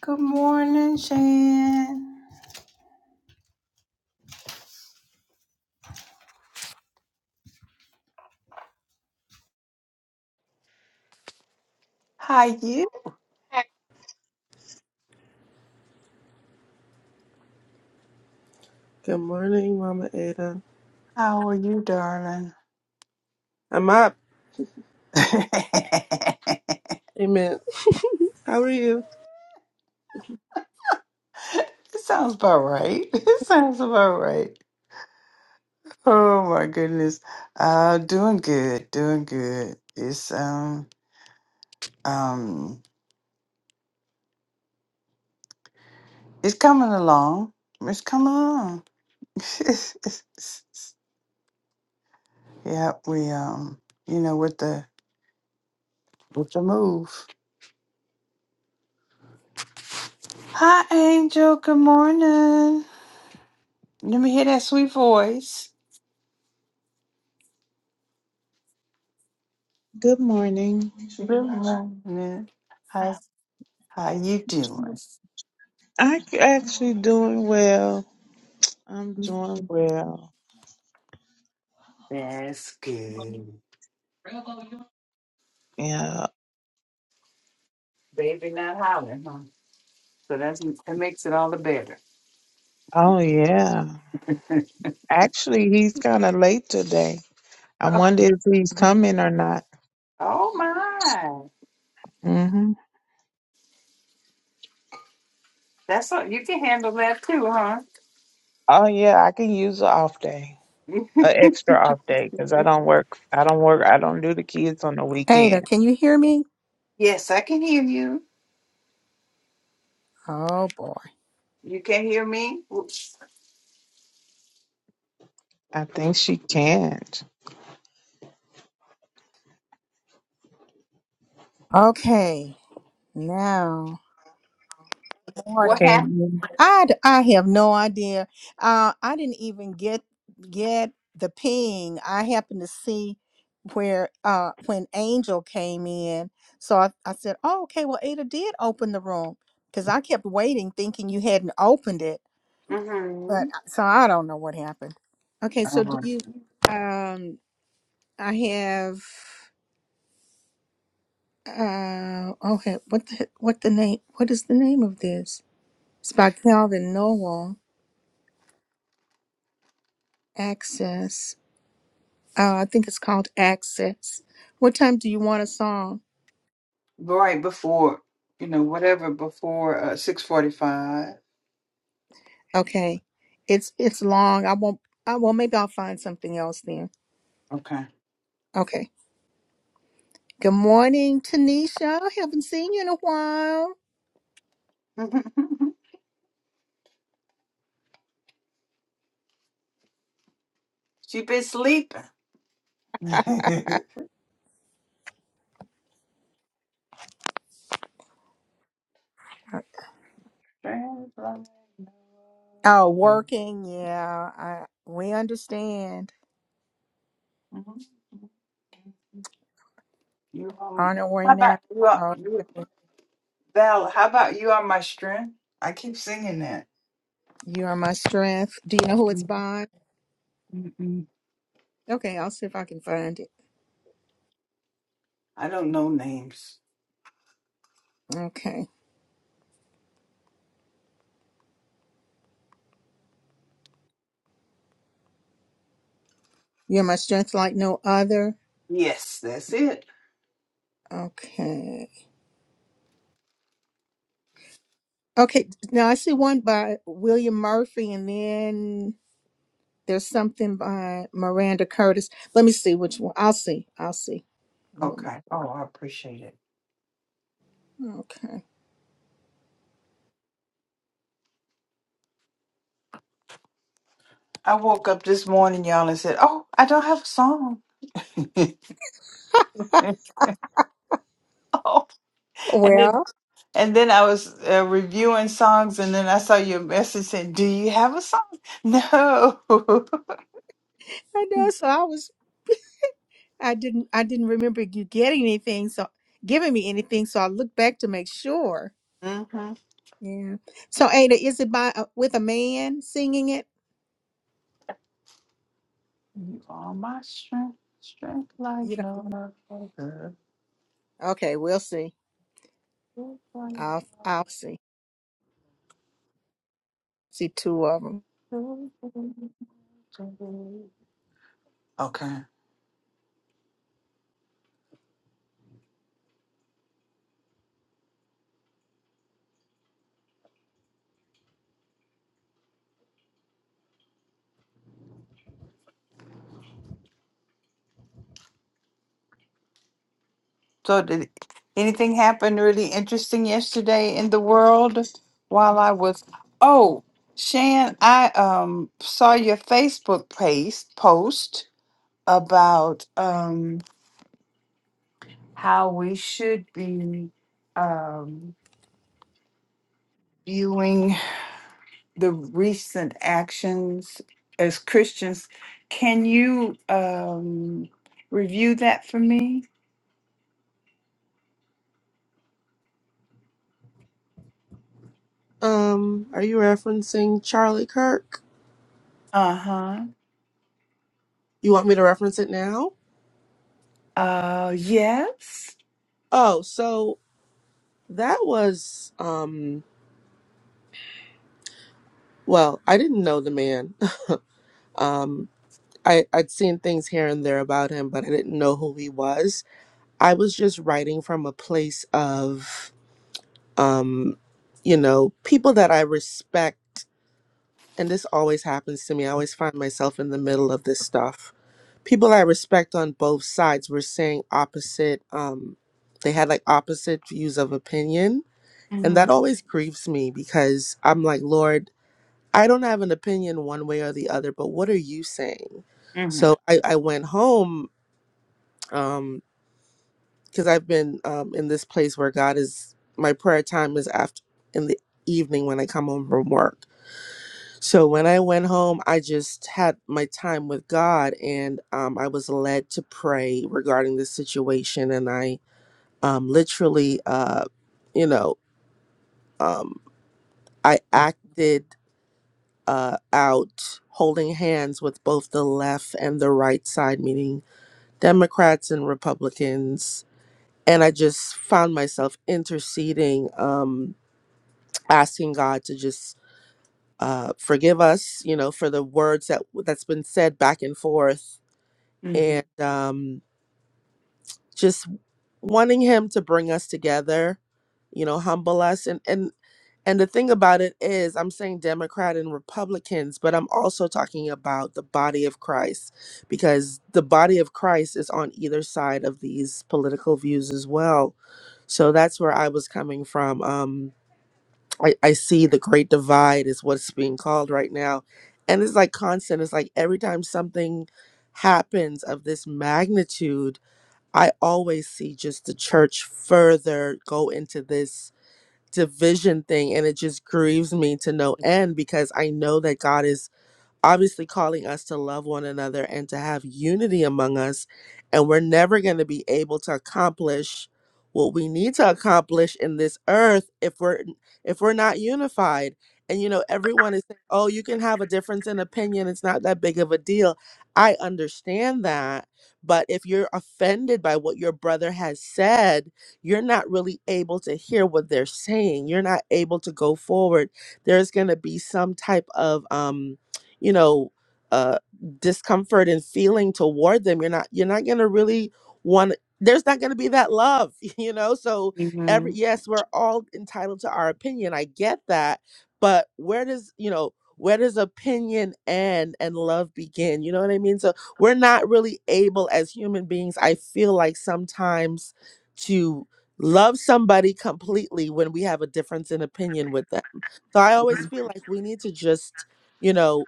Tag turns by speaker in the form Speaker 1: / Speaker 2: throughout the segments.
Speaker 1: Good morning, Shan. How you?
Speaker 2: Good morning, Mama Ada.
Speaker 1: How are you, darling?
Speaker 2: I'm up.
Speaker 1: it
Speaker 2: Amen. How are you?
Speaker 1: sounds about right. It sounds about right. Oh my goodness. Uh doing good, doing good. It's um um it's coming along. It's coming along. yeah, we um you know with the with the move. Hi Angel, good morning. Let me hear that sweet voice.
Speaker 3: Good morning.
Speaker 1: Good morning. How's how you doing?
Speaker 3: I c- actually doing well. I'm doing well.
Speaker 1: That's good.
Speaker 3: Yeah.
Speaker 1: Baby not hollering, huh? So that's that makes it all the better.
Speaker 3: Oh yeah. Actually, he's kind of late today. I
Speaker 1: Oh,
Speaker 3: wonder if he's coming or not.
Speaker 1: oh my.
Speaker 3: Mhm.
Speaker 1: That's all you can handle that too, huh?
Speaker 3: Oh yeah, I can use an off day, an extra off day, because I don't work. I don't work. I don't do the kids on the
Speaker 4: Ada,
Speaker 3: weekend.
Speaker 4: can you hear me?
Speaker 1: yes, I can hear you.
Speaker 4: Oh boy.
Speaker 1: You can hear me? Whoops.
Speaker 3: I think she can't.
Speaker 4: Okay. Now,
Speaker 1: What
Speaker 4: morning.
Speaker 3: Can
Speaker 1: happened?
Speaker 3: you?
Speaker 4: I d- I have no idea. Uh, I didn't even get get the ping. I happened to see where uh when Angel came in, so I, I said, "Oh, okay. Well, Ada did open the room because I kept waiting, thinking you hadn't opened it.
Speaker 1: Mm-hmm.
Speaker 4: But uh, so I don't know what happened. Okay. So do
Speaker 1: Right
Speaker 4: you? Um, I have. Uh, okay. What the what the name? What is the name of this? It's by Calvin Noel. Access. Uh, I think it's called Access. What time do you want a song?
Speaker 1: Right before, you know, whatever before uh, six forty five.
Speaker 4: Okay, it's it's long. I won't. I well, maybe I'll find something else then.
Speaker 1: Okay.
Speaker 4: Okay. Good morning, Tanisha. I haven't seen you in a while.
Speaker 1: she been sleeping. Strange love.
Speaker 4: Oh,
Speaker 1: Mhm.
Speaker 4: working. Yeah, I we understand.
Speaker 1: You um,
Speaker 4: On our way
Speaker 1: how about
Speaker 4: now.
Speaker 1: you are you
Speaker 4: Okay.
Speaker 1: Val? How about you are my strength? I keep singing that.
Speaker 4: You are my strength. Do you know who it's by?
Speaker 1: Mm-mm.
Speaker 4: Okay, I'll see if I can find it.
Speaker 1: I don't know names.
Speaker 4: Okay. You're my strength like no other.
Speaker 1: Yes, that's it.
Speaker 4: Okay. Okay, now I see one by William Murphy and then there's something by Miranda Curtis. Let me see which one. I'll see. I'll see. You're my-
Speaker 1: Okay. Oh, I appreciate it.
Speaker 4: Okay.
Speaker 1: I woke up this morning, y'all, and said, "Oh, I don't have a song." oh, and then
Speaker 4: Well,
Speaker 1: and then I was uh, reviewing songs, and then I saw your message saying, "Do you have a song?" No.
Speaker 4: I know so I was I didn't I didn't remember you getting anything so giving me anything so I looked back to make sure.
Speaker 1: Mhm.
Speaker 4: Yeah. So Ada, is it by uh, with a man singing it?
Speaker 1: You are my strength, strength like
Speaker 4: You know.
Speaker 1: no other.
Speaker 4: Okay, we'll see. I'll I'll see. see two of them.
Speaker 1: Okay. So did anything happen really interesting yesterday in the world while I was Oh, Shan, I um saw your Facebook page post about um how we should be um viewing the recent actions as Christians. Can you um, review that for me?
Speaker 2: Um, are you referencing Charlie Kirk?
Speaker 1: Uh huh.
Speaker 2: You want me to reference it now?
Speaker 1: Uh yes.
Speaker 2: Oh, so that was um well, I didn't know the man. Um I, I'd seen things here and there about him, but I didn't know who he was. I was just writing from a place of um, you know, people that I respect and this always happens to me. I always find myself in the middle of this stuff people I respect on both sides were saying opposite um they had like opposite views of opinion and that
Speaker 1: Mhm.
Speaker 2: always grieves me because I'm like lord I don't have an opinion one way or the other but what are you saying
Speaker 1: Mhm.
Speaker 2: so I I went home um because I've been um in this place where God is my prayer time is after in the evening when I come home from work So when I went home, I just had my time with God, and um, I was led to pray regarding this situation. And I um, literally, uh, you know, um, I acted uh, out holding hands with both the left and the right side, meaning Democrats and Republicans. And I just found myself interceding, um, asking God to just uh, forgive us, you know, for the words that that's been said back and forth
Speaker 1: Mhm.
Speaker 2: and um, just wanting him to bring us together, you know, humble us. And and and the thing about it is, I'm saying Democrat and Republicans, but I'm also talking about the body of Christ because the body of Christ is on either side of these political views as well. So that's where I was coming from. Um, I, I see the great divide is what's being called right now. And it's like constant. It's like every time something happens of this magnitude, I always see just the church further go into this division thing and it just grieves me to no end because I know that God is obviously calling us to love one another and to have unity among us. And we're never going to be able to accomplish what we need to accomplish in this earth if we're if we're not unified. And you know, everyone is saying, "Oh, you can have a difference in opinion. It's not that big of a deal." I understand that, but if you're offended by what your brother has said, you're not really able to hear what they're saying. You're not able to go forward. There's going to be some type of um you know uh discomfort and feeling toward them you're not you're not going to really want there's not going to be that love you know so every
Speaker 1: Mhm.
Speaker 2: yes we're all entitled to our opinion i get that but where does you know where does opinion end and love begin you know what i mean so we're not really able as human beings i feel like sometimes to love somebody completely when we have a difference in opinion with them so i always feel like we need to just you know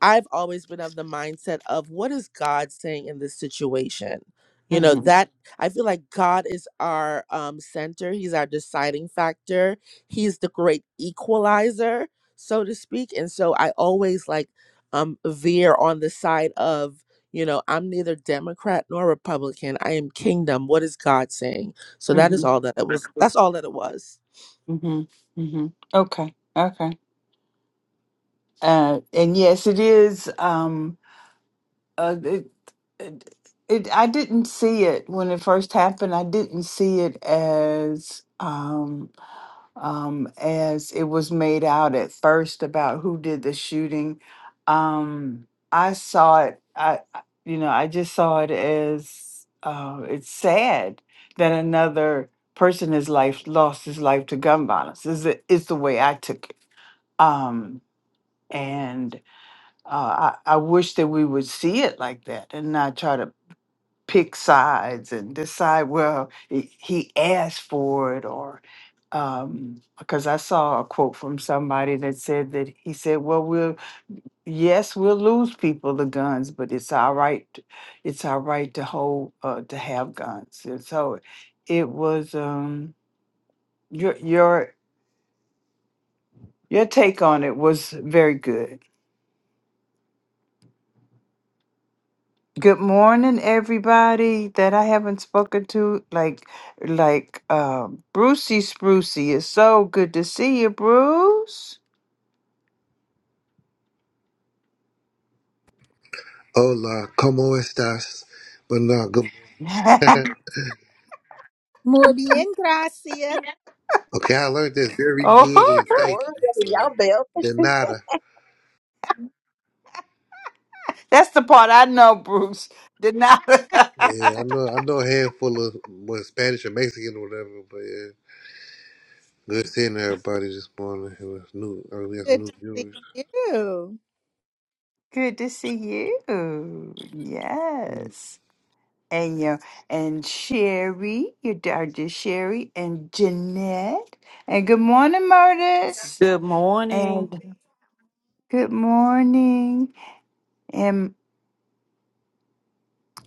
Speaker 2: I've always been of the mindset of what is God saying in this situation? You know,
Speaker 1: Mhm.
Speaker 2: that I feel like God is our um, center, He's our deciding factor, He's the great equalizer, so to speak. And so I always like um, veer on the side of, you know, I'm neither Democrat nor Republican. I am kingdom. What is God saying? So that is
Speaker 1: Mhm.
Speaker 2: all that it was. That's all that it was.
Speaker 1: Mhm. Mhm. Okay. Okay. Uh, and yes, it is. Um. Uh. It, it, it. I didn't see it when it first happened. I didn't see it as. Um. um, as it was made out at first about who did the shooting. Um, I saw it. I, I- you know, I just saw it as uh, it's sad that another person his life lost his life to gun violence. Is the- is the way I took it. Um, and uh, I, I wish that we would see it like that and not try to pick sides and decide well he he asked for it or um because i saw a quote from somebody that said that he said well we'll yes we'll lose people to guns but it's our right t- it's our right to hold uh to have guns and so it was um your your your take on it was very good Good morning, everybody that I haven't spoken to. Like, like, uh, Brucey Sprucey. It's so good to see you, Bruce.
Speaker 5: Hola, como estas? But no, good.
Speaker 1: oh,
Speaker 4: Muy bien, gracias.
Speaker 5: okay, I learned this very good,
Speaker 1: huh.
Speaker 5: and thank
Speaker 6: More
Speaker 5: you
Speaker 6: than y'all belt.
Speaker 5: for de nada.
Speaker 1: that's the part I know, Bruce. Did not.
Speaker 5: Yeah, I know, I know a handful of what Spanish or Mexican or whatever, but yeah, good seeing everybody this morning. It was new, I we got some
Speaker 4: Good
Speaker 5: new
Speaker 4: to see
Speaker 5: viewers.
Speaker 4: you.
Speaker 1: good to see you.
Speaker 5: Mm.
Speaker 1: Yes. And your and Sherry, your daughter Sherry, and Jeanette. And good morning, Murtis.
Speaker 7: Good morning.
Speaker 1: And good morning, and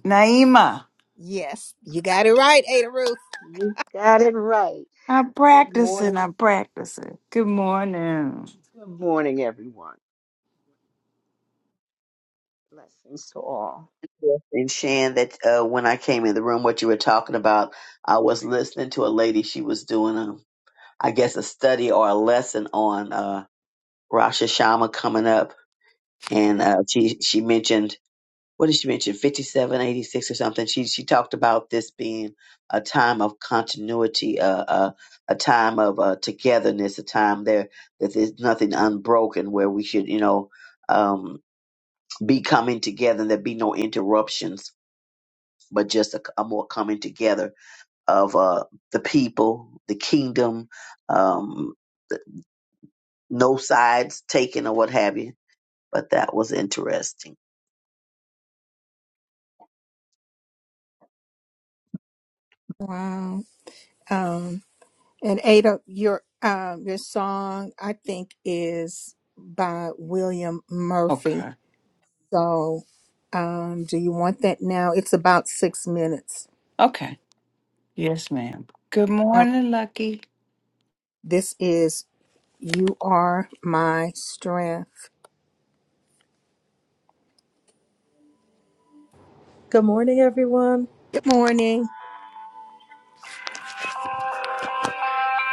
Speaker 1: Naima.
Speaker 4: Yes, you got it right, Ada Ruth.
Speaker 8: You got it right.
Speaker 1: I'm
Speaker 8: Good
Speaker 1: practicing.
Speaker 8: morning.
Speaker 1: I'm practicing. Good morning.
Speaker 8: Good morning, everyone. Blessings to all.
Speaker 6: Yes. and Shan, that uh, when I came in the room, what you were talking about, I was listening to a lady. She was doing, a, I guess, a study or a lesson on uh, Rosh Hashanah coming up, and uh, she she mentioned what did she mention? Fifty seven, eighty six, or something. She she talked about this being a time of continuity, uh, uh, a time of uh, togetherness, a time there that there's nothing unbroken, where we should, you know. Um, be coming together and there be no interruptions, but just a, a more coming together of uh, the people, the kingdom, um, no sides taken or what have you but that was interesting.
Speaker 4: Wow. Um, and Ada, your um, your song I think is by William Murphy.
Speaker 1: Okay.
Speaker 4: So, um, do you want that now? It's about six minutes.
Speaker 1: Okay. Yes, ma'am. Good
Speaker 4: Uh,
Speaker 1: morning, Lucky.
Speaker 4: this is "You Are My Strength."
Speaker 9: Good morning, everyone.
Speaker 4: Good morning.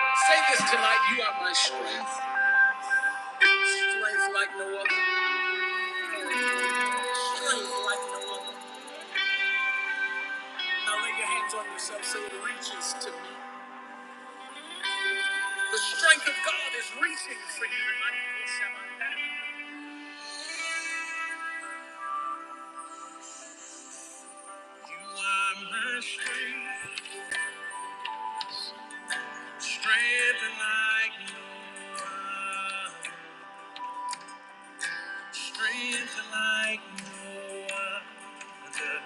Speaker 4: Say this tonight, you are my strength. Strength like no other. strength like no other. Now lay your hands on yourself so it reaches to me. The strength of God is reaching for you. You are my strength, strength like no other, strength like no other.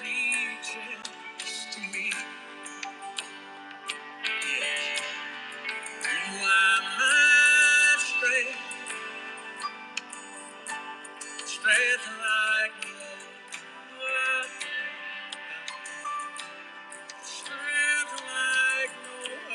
Speaker 4: Reaches to me. Yes. You are my strength, strength like no other. like no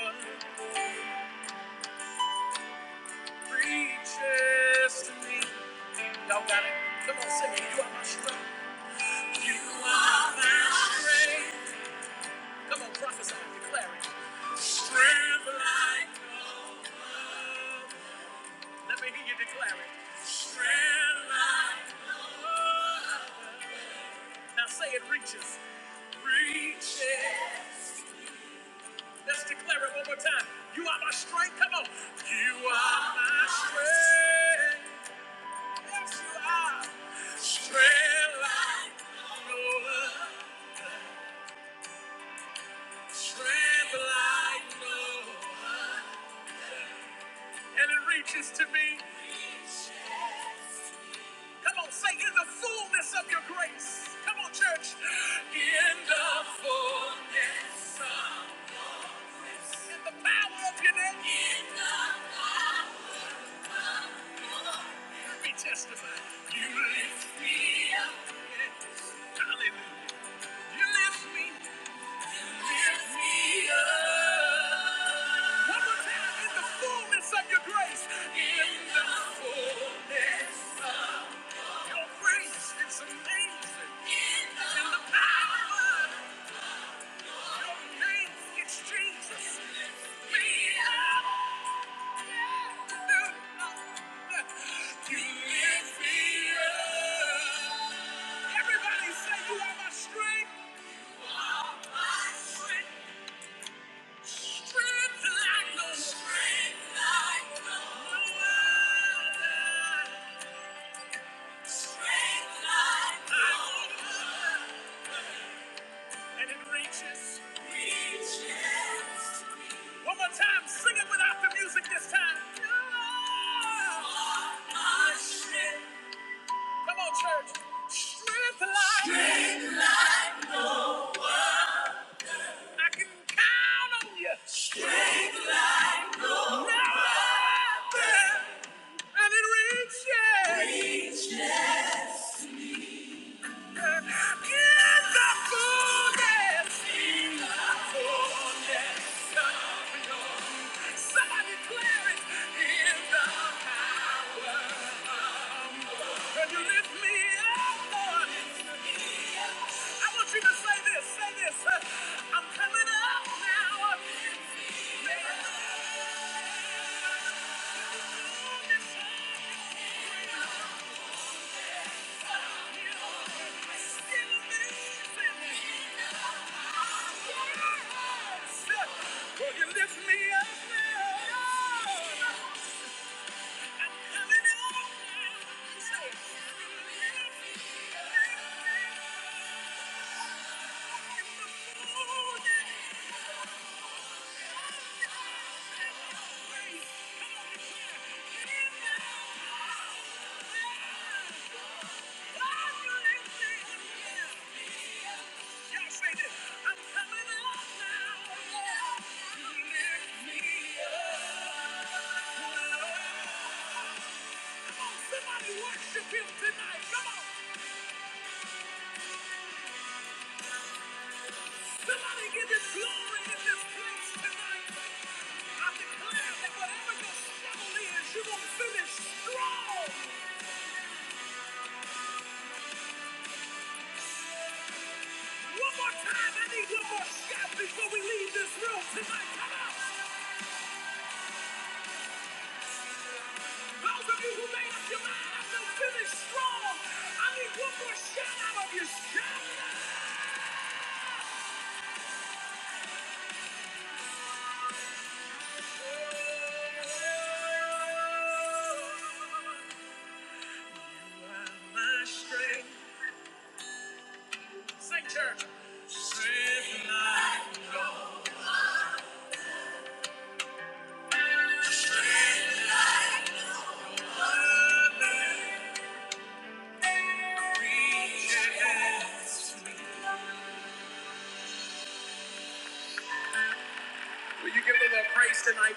Speaker 4: Will you give the Lord praise tonight?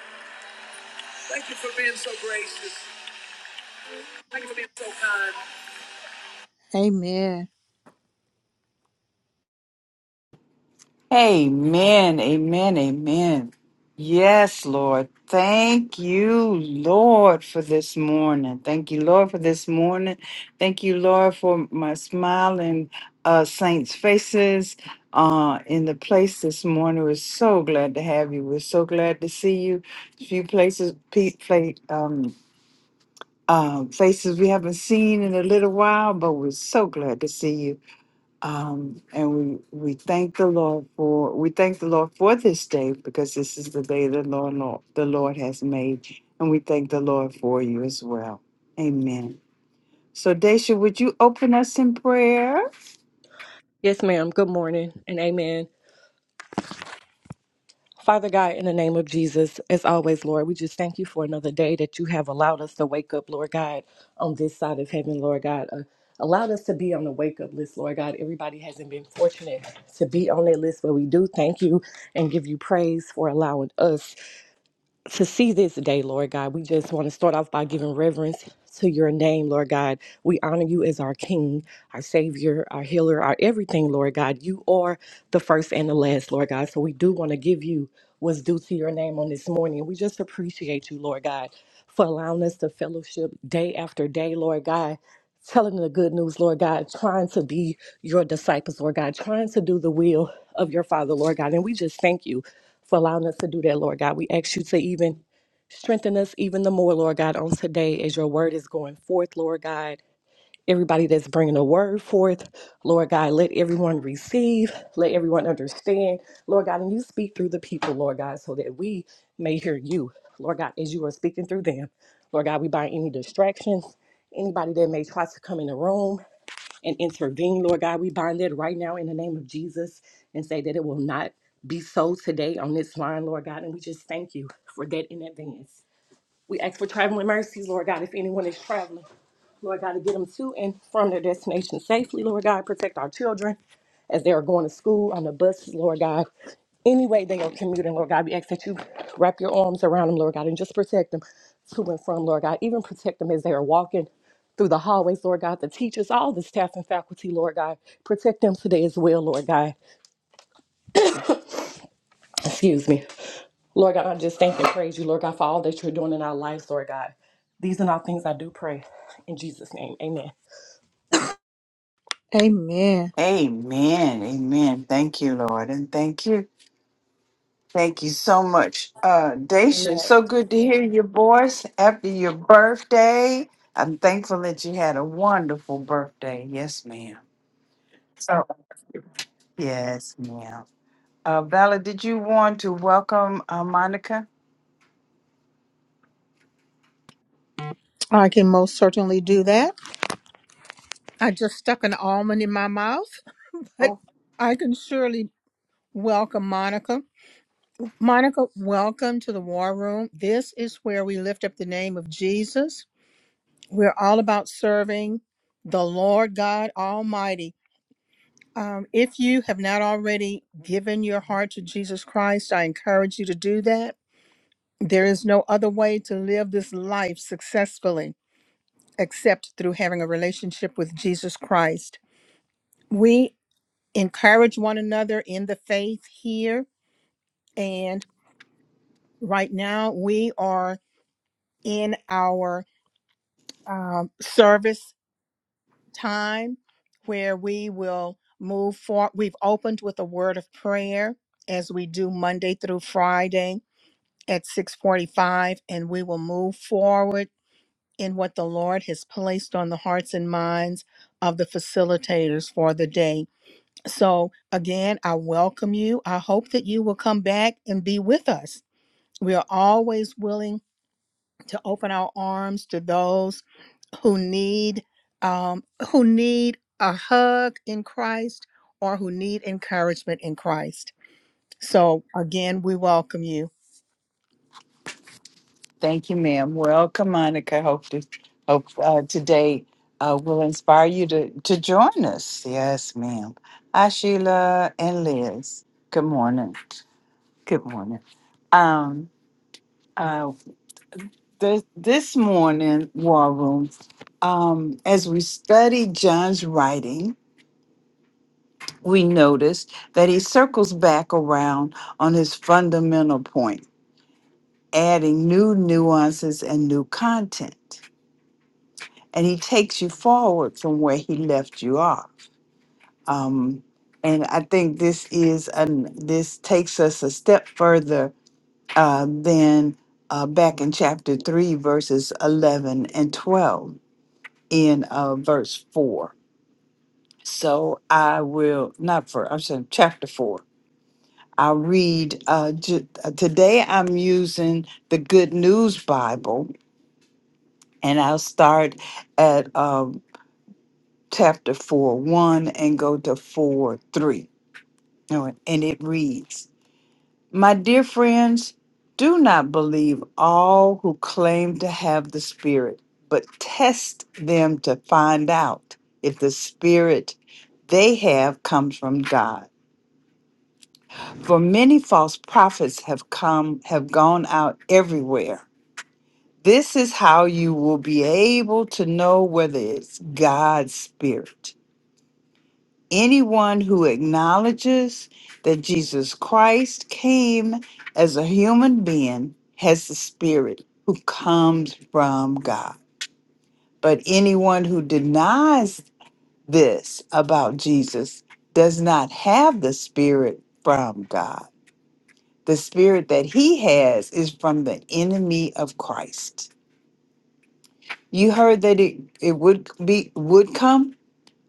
Speaker 4: Thank you for being so gracious. Thank you for being so kind. Amen.
Speaker 1: Amen. Amen. Amen. Yes, Lord. Thank you, Lord, for this morning. Thank you, Lord, for this morning. Thank you, Lord, for my smiling uh, saints' faces uh, in the place this morning. We're so glad to have you. We're so glad to see you. Few places, pe- play, um, um, faces we haven't seen in a little while, but we're so glad to see you. Um, and we we thank the Lord for we thank the Lord for this day because this is the day the Lord Lord the Lord has made, and we thank the Lord for you as well. Amen. So, Daisha, would you open us in prayer?
Speaker 10: Yes, ma'am. Good morning and amen. Father God, in the name of Jesus, as always, Lord, we just thank you for another day that you have allowed us to wake up, Lord God, on this side of heaven, Lord God. Uh, allowed us to be on the wake up list, Lord God. Everybody hasn't been fortunate to be on that list, but we do thank you and give you praise for allowing us. to see this day, Lord God. We just want to start off by giving reverence to your name, Lord God. We honor you as our King, our Savior, our Healer, our everything, Lord God. You are the first and the last, Lord God. So we do want to give you what's due to your name on this morning. We just appreciate you, Lord God, for allowing us to fellowship day after day, Lord God. Telling the good news, Lord God, trying to be your disciples, Lord God, trying to do the will of your Father, Lord God. And we just thank you for allowing us to do that, Lord God. We ask you to even strengthen us even the more, Lord God, on today as your word is going forth, Lord God. Everybody that's bringing the word forth, Lord God, let everyone receive, let everyone understand, Lord God, and you speak through the people, Lord God, so that we may hear you, Lord God, as you are speaking through them. Lord God, we bind any distractions, anybody that may try to come in the room, and intervene, Lord God. We bind it right now in the name of Jesus and say that it will not be so today on this line, Lord God. And we just thank you for that in advance. We ask for traveling mercies, Lord God, if anyone is traveling. Lord God, to get them to and from their destination safely, Lord God. Protect our children as they are going to school on the buses, Lord God. Any way they are commuting, Lord God, we ask that you wrap your arms around them, Lord God, and just protect them to and from, Lord God. Even protect them as they are walking through the hallways, Lord God. The teachers, all the staff and faculty, Lord God. Protect them today as well, Lord God. Excuse me. Lord God, I just thank and praise you, Lord God, for all that you're doing in our lives, Lord God. These are all things I do pray. In Jesus' name, Amen.
Speaker 4: Amen.
Speaker 1: Amen. Amen. Thank you, Lord, and thank you. Thank you so much, uh, Daisha.
Speaker 10: amen.
Speaker 1: So good to hear your voice after your birthday. I'm thankful that you had a wonderful birthday. Yes, ma'am. So yes, ma'am. Uh, Vala, did you want to welcome uh, Monica?
Speaker 4: I can most certainly do that. I just stuck an almond in my mouth, but
Speaker 1: Oh,
Speaker 4: I can surely welcome Monica. Monica, welcome to the war room. This is where we lift up the name of Jesus We're all about serving the Lord God Almighty. Um, if you have not already given your heart to Jesus Christ, I encourage you to do that. There is no other way to live this life successfully except through having a relationship with Jesus Christ. We encourage one another in the faith here, and right now we are in our um, service time where we will move forward. We've opened with a word of prayer as we do Monday through Friday at 645, and we will move forward in what the Lord has placed on the hearts and minds of the facilitators for the day. So again, I welcome you. I hope that you will come back and be with us. We are always willing to open our arms to those who need um, who need a hug in Christ or who need encouragement in Christ. So again, we welcome you.
Speaker 1: thank you, ma'am. Welcome, Monica. Hope to, hope uh, today uh, will inspire you to to join us. Yes, ma'am. Hi, Sheila and Liz. Good morning. Good morning. Um. Uh. this, this morning, War Room, um, as we study John's writing, we notice that he circles back around on his fundamental point, adding new nuances and new content. And he takes you forward from where he left you off. Um, and I think this is an, this takes us a step further uh, than uh, back in chapter three, verses eleven and twelve in uh, verse 4. So I will, not for, I'm saying chapter 4. I'll read, uh, ju- uh, today I'm using the Good News Bible, and I'll start at um, chapter 4 1 and go to 4 3. All right, And it reads, My dear friends, do not believe all who claim to have the Spirit, but test them to find out if the Spirit they have comes from God. For many false prophets have come, have gone out everywhere. This is how you will be able to know whether it's God's Spirit. Anyone who acknowledges that Jesus Christ came as a human being has the Spirit who comes from God. But anyone who denies this about Jesus does not have the Spirit from God. The Spirit that he has is from the enemy of Christ. You heard that it, it would be would come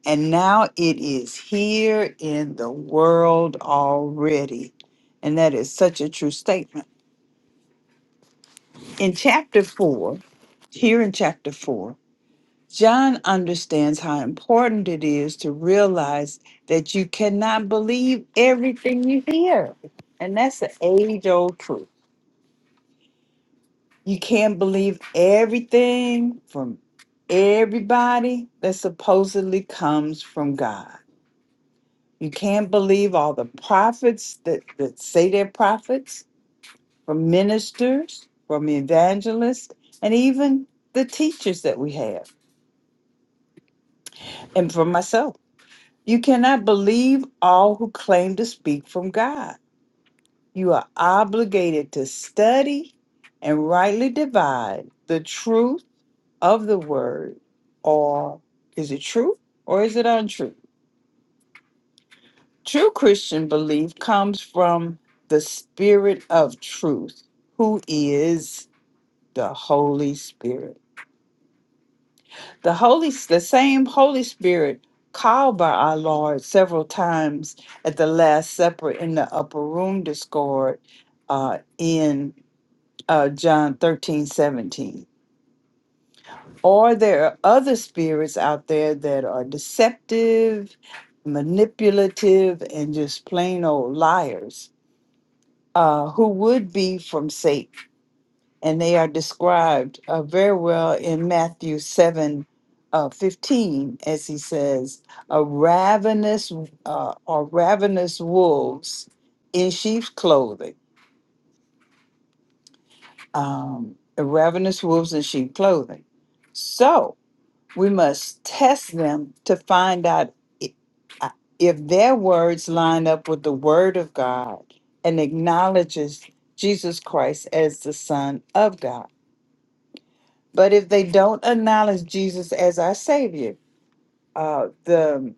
Speaker 1: And now it is here in the world already. And that is such a true statement. In chapter four, here in chapter four, John understands how important it is to realize that you cannot believe everything you hear. And that's the age old truth. You can't believe everything from everybody that supposedly comes from God You can't believe all the prophets that, that say they're prophets, from ministers, from evangelists, and even the teachers that we have, and from myself. You cannot believe all who claim to speak from God. You are obligated to study and rightly divide the truth of the word, or is it true or is it untrue? True Christian belief comes from the Spirit of truth, who is the Holy Spirit. The Holy the same Holy Spirit called by our Lord several times at the Last Supper in the upper room discord uh, in uh, John 13 17. Or there are other spirits out there that are deceptive, manipulative, and just plain old liars uh, who would be from Satan, and they are described uh, very well in Matthew 7 uh, 15, as he says, a ravenous uh, or ravenous wolves in sheep's clothing, um, ravenous wolves in sheep clothing. So, we must test them to find out i- uh, if their words line up with the word of God and acknowledges Jesus Christ as the Son of God. But if they don't acknowledge Jesus as our Savior, uh, the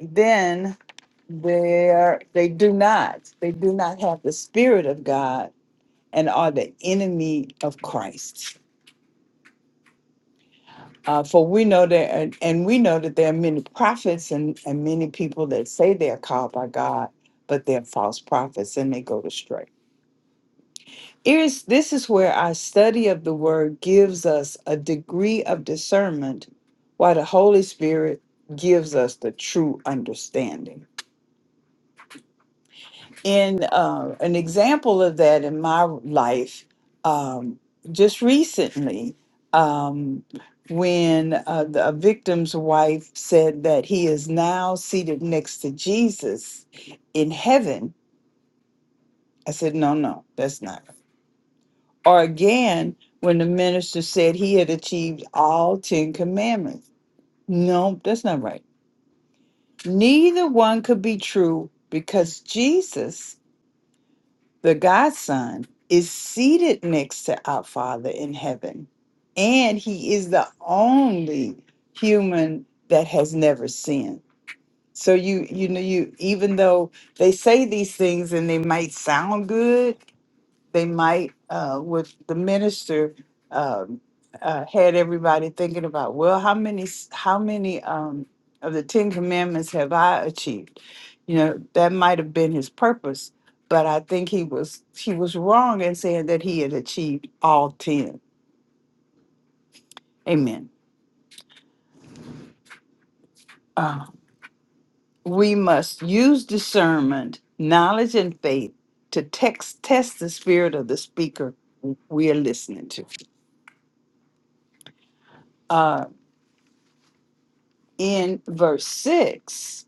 Speaker 1: then they are they do not they do not have the Spirit of God and are the enemy of Christ. Uh, for we know that, and, and we know that there are many prophets and, and many people that say they are called by God, but they're false prophets and they go astray. Here's, this is where our study of the word gives us a degree of discernment, while the Holy Spirit gives us the true understanding. in uh, an example of that in my life um, just recently um, when uh, the, a victim's wife said that he is now seated next to jesus in heaven i said no no that's not right." or again when the minister said he had achieved all 10 commandments no that's not right neither one could be true because jesus The Godson is seated next to our Father in heaven, and he is the only human that has never sinned. So you you know you even though they say these things and they might sound good, they might uh, with the minister um, uh, had everybody thinking about well how many s- how many um, of the ten commandments have i achieved you know that might have been his purpose but i think he was he was wrong in saying that he had achieved all ten amen uh, we must use discernment knowledge and faith to text test the spirit of the speaker we are listening to uh, in verse 6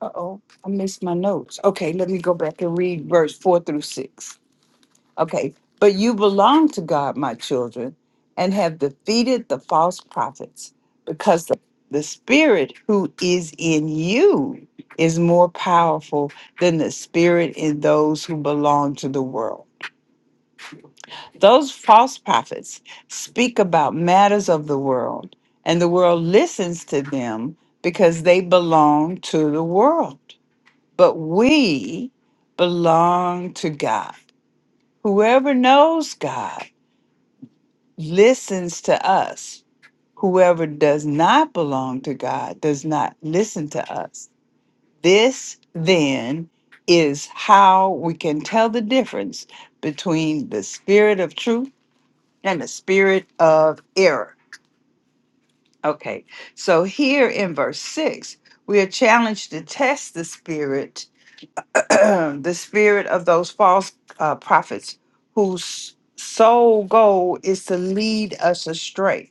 Speaker 1: Uh-oh, I missed my notes. Okay, let me go back and read verse four through six. Okay, but you belong to God, my children, and have defeated the false prophets, because the, the spirit who is in you is more powerful than the spirit in those who belong to the world. Those false prophets speak about matters of the world, and the world listens to them because they belong to the world but we belong to God. Whoever knows God listens to us. Whoever does not belong to God does not listen to us. This then is how we can tell the difference between the spirit of truth and the spirit of error. Okay, so here in verse 6, we are challenged to test the spirit the spirit of those false uh, prophets whose sole goal is to lead us astray,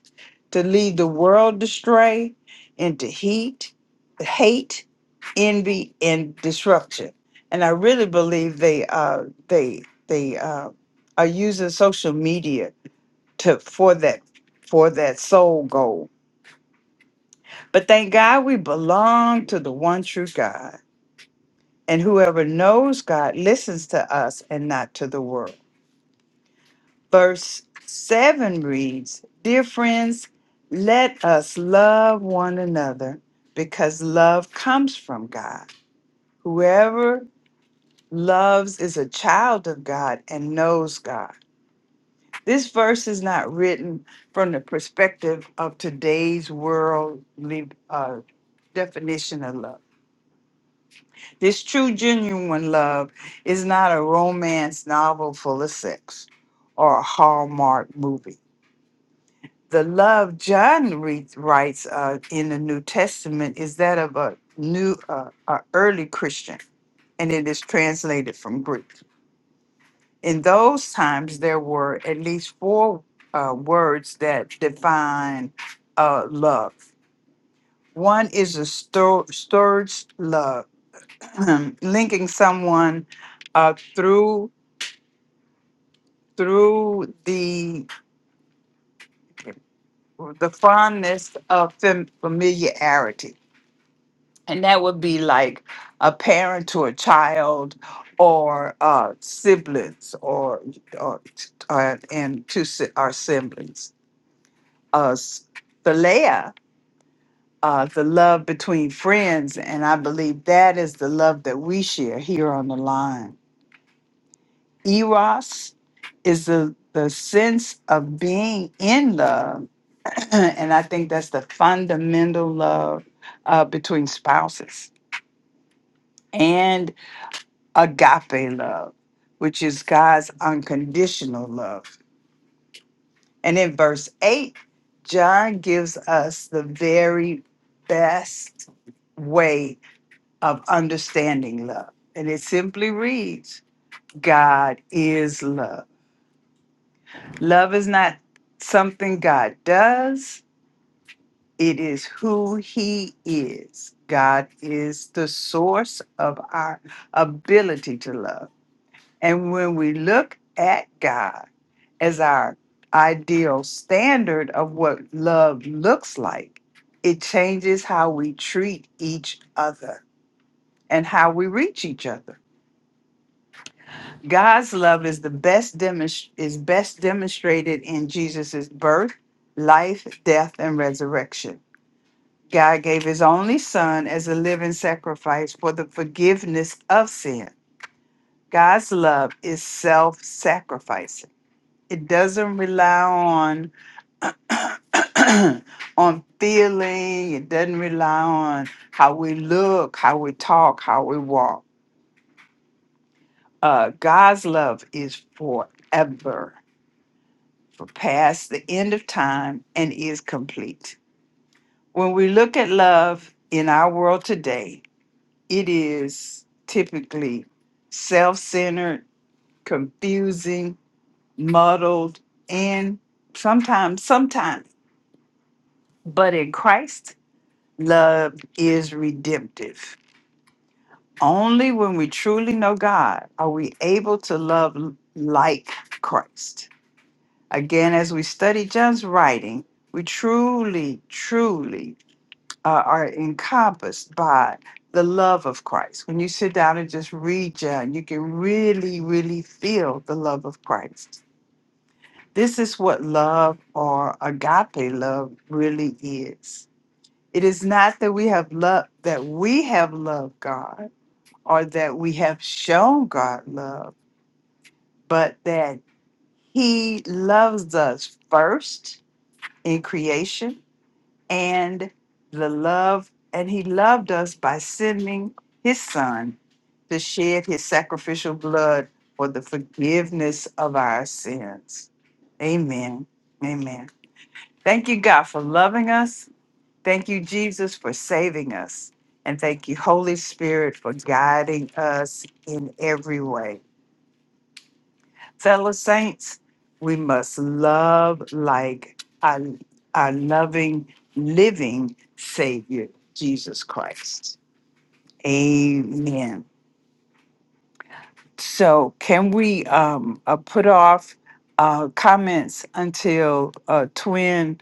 Speaker 1: to lead the world astray into heat, hate, envy, and disruption. And I really believe they uh, they they uh, are using social media to for that for that sole goal. But thank God we belong to the one true God. And whoever knows God listens to us and not to the world. Verse 7 reads Dear friends, let us love one another because love comes from God. Whoever loves is a child of God and knows God. This verse is not written from the perspective of today's worldly uh, definition of love This true, genuine love is not a romance novel full of sex or a Hallmark movie. The love John reads, writes uh, in the New Testament is that of a new, uh, a early Christian, and it is translated from Greek. In those times, there were at least four uh, words that define uh, love. One is a stor- storge love. um, linking someone uh, through through the the fondness of fam- familiarity. And that would be like a parent to a child or uh, siblings or, or uh, and to si- our siblings. Uh, Philea, uh, the love between friends. And I believe that is the love that we share here on the line eros is the the sense of being in love and i think that's the fundamental love uh, between spouses and agape love which is god's unconditional love and in verse 8 john gives us the very best way of understanding love and it simply reads god is love Love is not something God does, it is who He is. God is the source of our ability to love. And when we look at God as our ideal standard of what love looks like, it changes how we treat each other and how we reach each other. God's love is the best demonst- is best demonstrated in Jesus' birth, life, death, and resurrection. God gave his only son as a living sacrifice for the forgiveness of sin. God's love is self-sacrificing. It doesn't rely on on feeling, it doesn't rely on how we look, how we talk, how we walk. Uh, God's love is forever for past the end of time and is complete. When we look at love in our world today, it is typically self centered, confusing, muddled, and sometimes, sometimes. But in Christ, love is redemptive. Only when we truly know God are we able to love l- like Christ. Again, as we study John's writing, we truly, truly uh, are encompassed by the love of Christ. When you sit down and just read John, you can really, really feel the love of Christ. This is what love or agape love really is. It is not that we have loved that we have loved God or that we have shown God love, but that He loves us first in creation and the love and he loved us by sending his son to shed his sacrificial blood for the forgiveness of our sins amen amen thank you god for loving us thank you jesus for saving us and thank you holy spirit for guiding us in every way Fellow saints, we must love like our, our loving, living Savior, Jesus Christ. Amen. So, can we um, uh, put off uh, comments until uh, Twin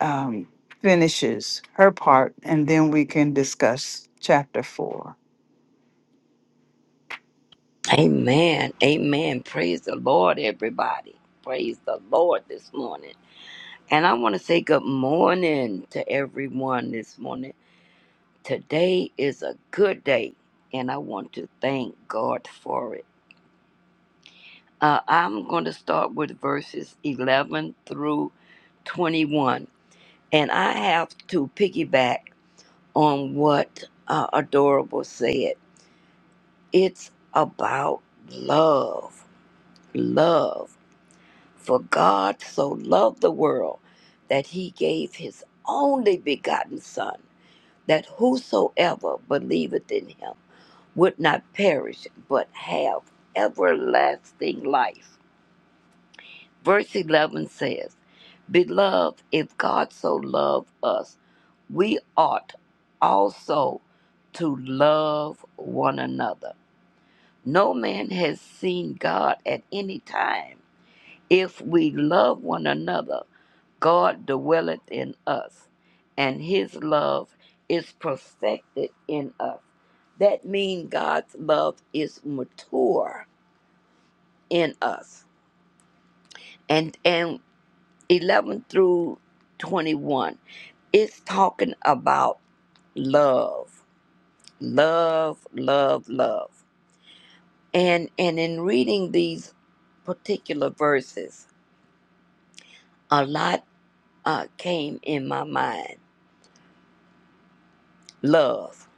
Speaker 1: um, finishes her part, and then we can discuss chapter four?
Speaker 11: Amen. Amen. Praise the Lord, everybody. Praise the Lord this morning. And I want to say good morning to everyone this morning. Today is a good day, and I want to thank God for it. Uh, I'm going to start with verses 11 through 21. And I have to piggyback on what uh, Adorable said. It's about love. Love. For God so loved the world that he gave his only begotten Son, that whosoever believeth in him would not perish, but have everlasting life. Verse 11 says, Beloved, if God so loved us, we ought also to love one another. No man has seen God at any time if we love one another, God dwelleth in us, and his love is perfected in us. That means God's love is mature in us. And and 11 through 21, it's talking about love, love, love, love. And and in reading these particular verses, a lot uh, came in my mind Love.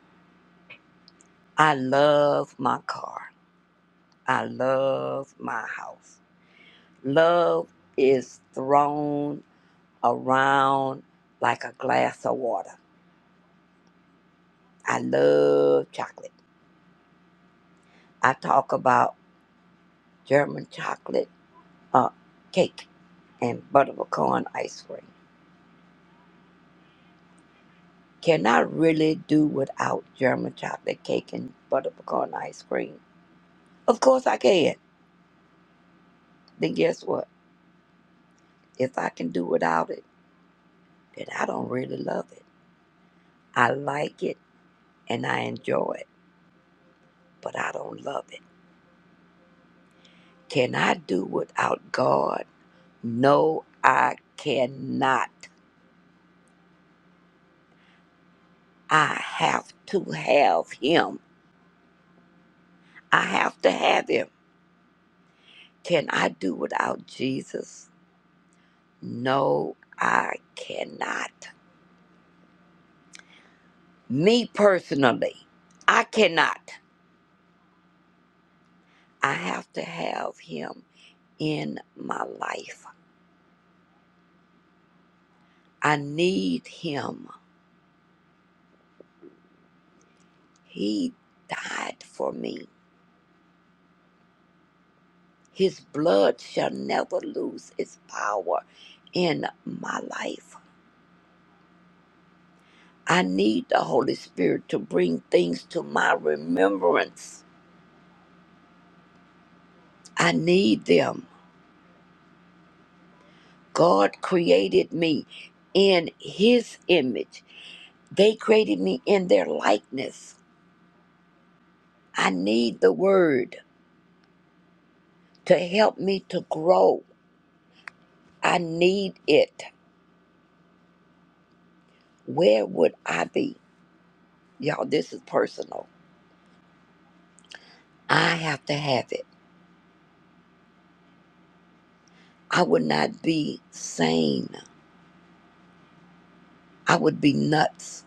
Speaker 11: I love my car. I love my house. Love is thrown around like a glass of water. I love chocolate. I talk about German chocolate uh, cake and butterpecan ice cream. Can I really do without German chocolate cake and butterpecan ice cream? Of course I can. Then guess what? If I can do without it, then I don't really love it. I like it and I enjoy it, but I don't love it. Can I do without God? No, I cannot. I have to have Him. I have to have Him. Can I do without Jesus? No, I cannot. Me personally, I cannot. I have to have Him in my life. I need Him. He died for me. His blood shall never lose its power in my life. I need the Holy Spirit to bring things to my remembrance. I need them. God created me in His image, they created me in their likeness. I need the Word to help me to grow. I need it. Where would I be? Y'all, this is personal. I have to have it. I would not be sane. I would be nuts.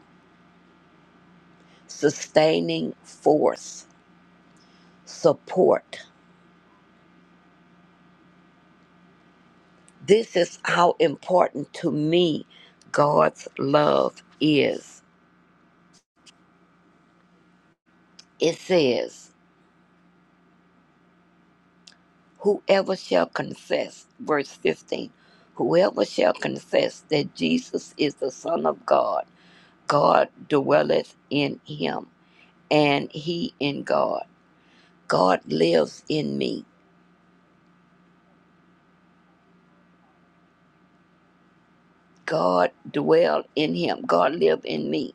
Speaker 11: Sustaining force, support. This is how important to me God's love is. It says, Whoever shall confess, verse 15, whoever shall confess that Jesus is the Son of God, God dwelleth in him, and he in God. God lives in me. God dwell in him. God live in me,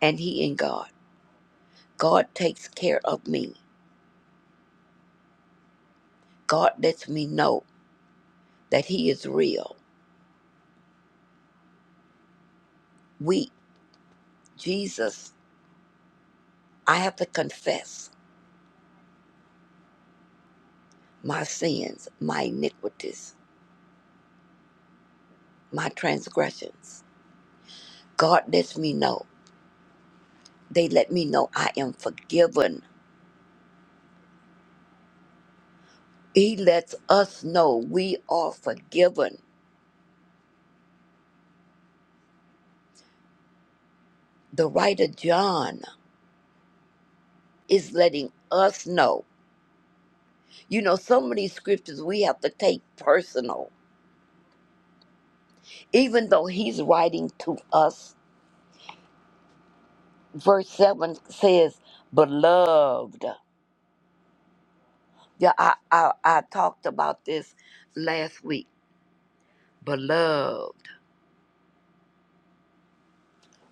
Speaker 11: and he in God. God takes care of me. God lets me know that He is real. We, Jesus, I have to confess my sins, my iniquities, my transgressions. God lets me know. They let me know I am forgiven. He lets us know we are forgiven. The writer John is letting us know. You know, some of these scriptures we have to take personal, even though he's writing to us verse 7 says, Beloved. Yeah, I, I, I talked about this last week. Beloved,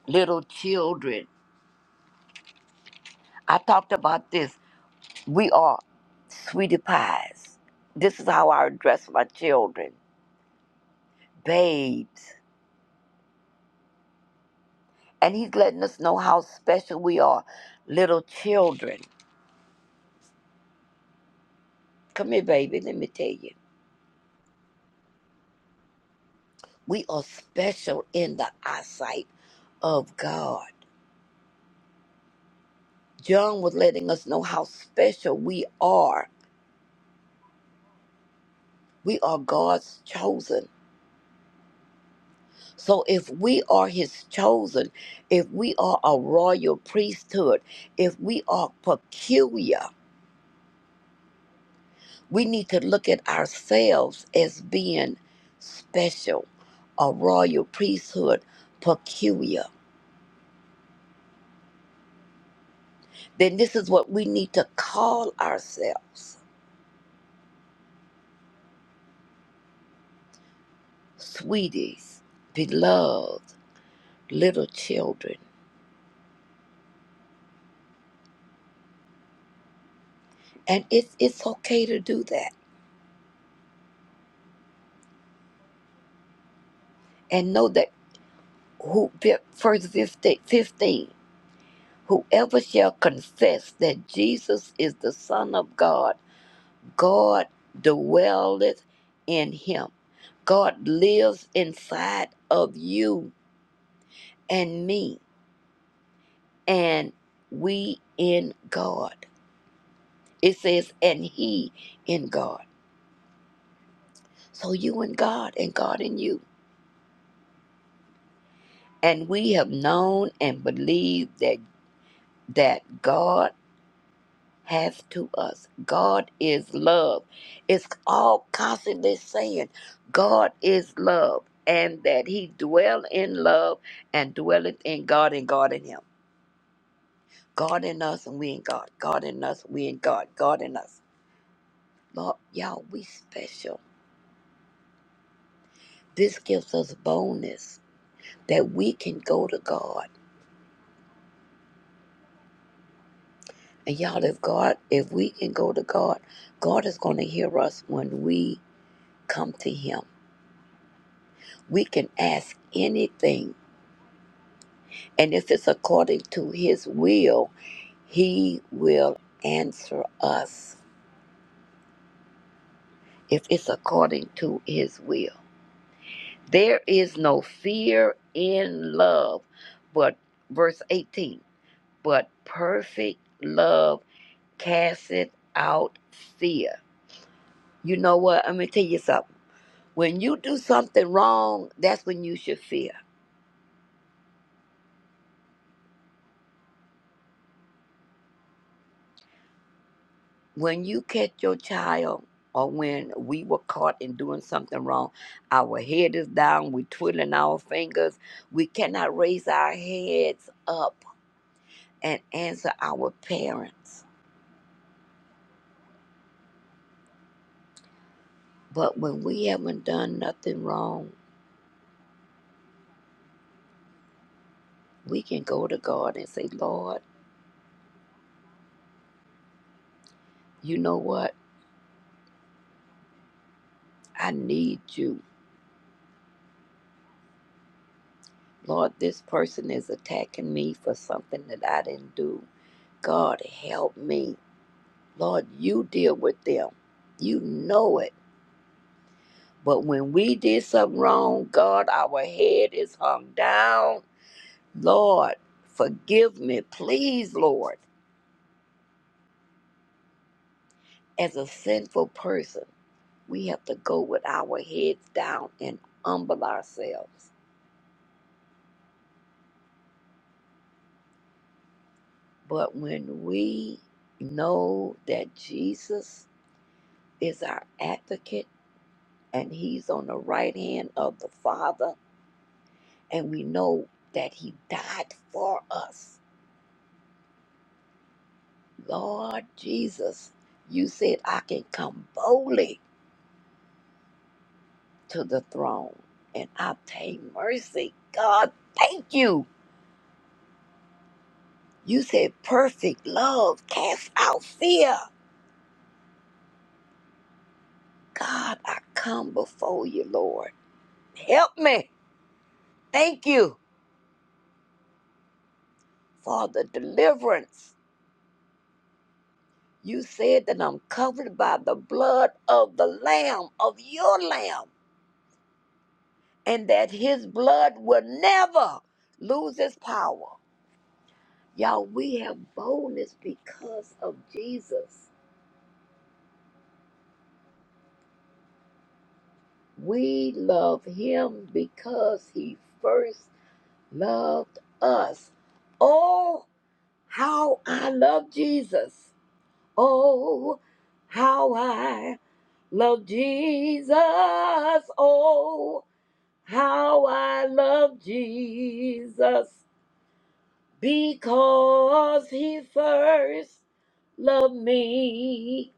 Speaker 11: little children. I talked about this. We are sweetie pies. This is how I address my children, babes. And he's letting us know how special we are, little children. Come here, baby, let me tell you. We are special in the eyesight of God. John was letting us know how special we are. We are God's chosen. So if we are his chosen, if we are a royal priesthood, if we are peculiar, we need to look at ourselves as being special, a royal priesthood, peculiar. Then this is what we need to call ourselves sweeties, beloved, little children. And it's, it's okay to do that and know that who verse 15, 15 whoever shall confess that jesus is the son of god god dwelleth in him god lives inside of you and me and we in god it says and he in god so you in god and god in you and we have known and believed that that god has to us. God is love. It's all constantly saying God is love and that he dwell in love and dwelleth in God and God in him. God in us and we in God. God in us, we in God. God in us. Lord, y'all, we special. This gives us boldness that we can go to God. And y'all, if God, if we can go to God, God is going to hear us when we come to him. We can ask anything And if it's according to His will, He will answer us. If it's according to His will, there is no fear in love. But verse 18, but perfect love casteth out fear. You know what? I'm going to tell you something. When you do something wrong, that's when you should fear. when you catch your child or when we were caught in doing something wrong, our head is down, we twiddling our fingers, we cannot raise our heads up and answer our parents. But when we haven't done nothing wrong, we can go to God and say, Lord, you know what? I need you. Lord, this person is attacking me for something that I didn't do. God, help me. Lord, you deal with them. You know it But when we did something wrong, God, our head is hung down. Lord, forgive me, please, Lord. As a sinful person, we have to go with our heads down and humble ourselves. But when we know that Jesus is our advocate and he's on the right hand of the Father, and we know that he died for us Lord Jesus, you said I can come boldly to the throne and obtain mercy. God, thank you. You said perfect love casts out fear. God, I come before you, Lord. Help me. Thank you for the deliverance. You said that I'm covered by the blood of the Lamb, of your Lamb, and that his blood will never lose its power. Y'all, we have boldness because of Jesus. We love him because he first loved us. Oh, how I love Jesus. Oh, how I love Jesus. Oh, how I love Jesus because he first loved me.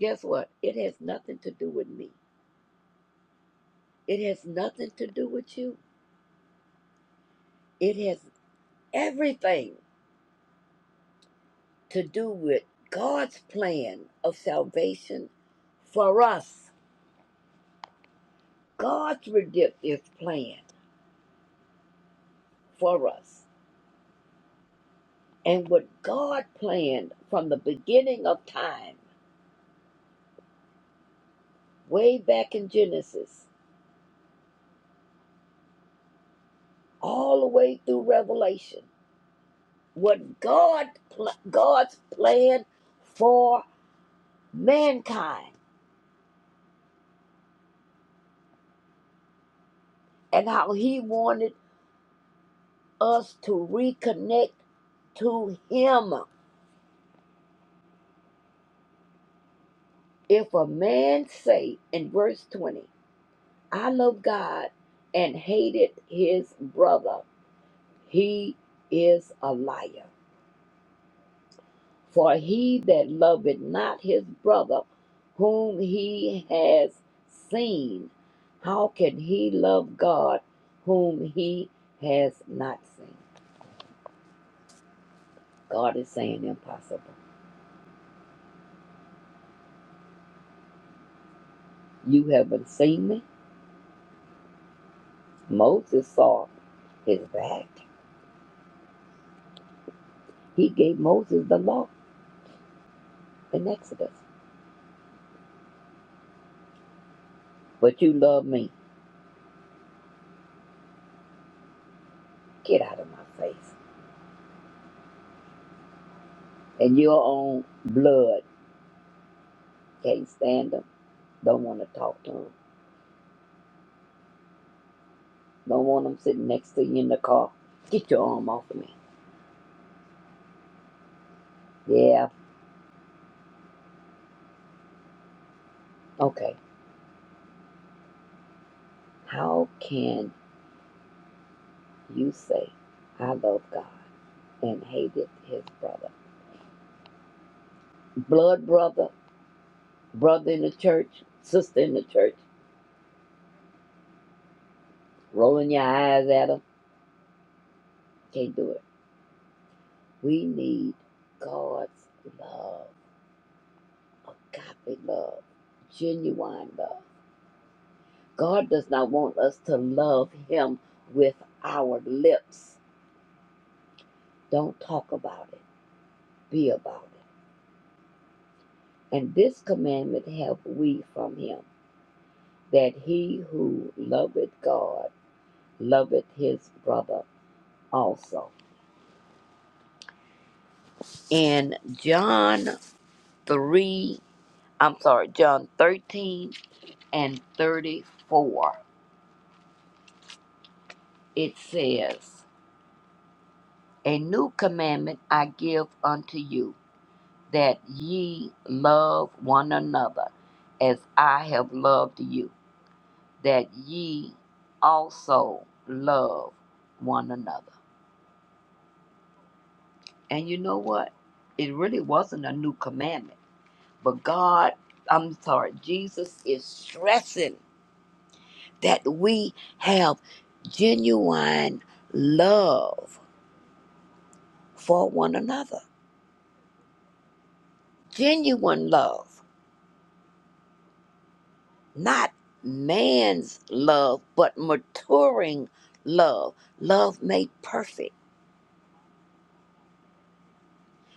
Speaker 11: Guess what? It has nothing to do with me. It has nothing to do with you. It has everything to do with God's plan of salvation for us. God's redemptive plan for us. And what God planned from the beginning of time, way back in Genesis, all the way through Revelation, what God pl- God's plan for mankind and how he wanted us to reconnect to him. If a man say in verse 20, I love God and hated his brother, he is a liar. For he that loveth not his brother whom he has seen, how can he love God whom he has not seen? God is saying impossible. You haven't seen me. Moses saw his back. He gave Moses the law in Exodus. But you love me. Get out of my face. And your own blood can't stand them. Don't want to talk to them. Don't want them sitting next to you in the car. Get your arm off of me. Yeah. Okay. How can you say, I love God and hated his brother? Blood brother, brother in the church, sister in the church, rolling your eyes at him. Can't do it. We need God's love Godly love, genuine love. God does not want us to love Him with our lips. Don't talk about it, be about it. And this commandment have we from Him that he who loveth God loveth his brother also. In John 3, I'm sorry, John 13 and 34, it says, A new commandment I give unto you that ye love one another as I have loved you, that ye also love one another. And you know what? It really wasn't a new commandment, but God, I'm sorry, Jesus is stressing that we have genuine love for one another, genuine love. not man's love, but maturing love. Love made perfect.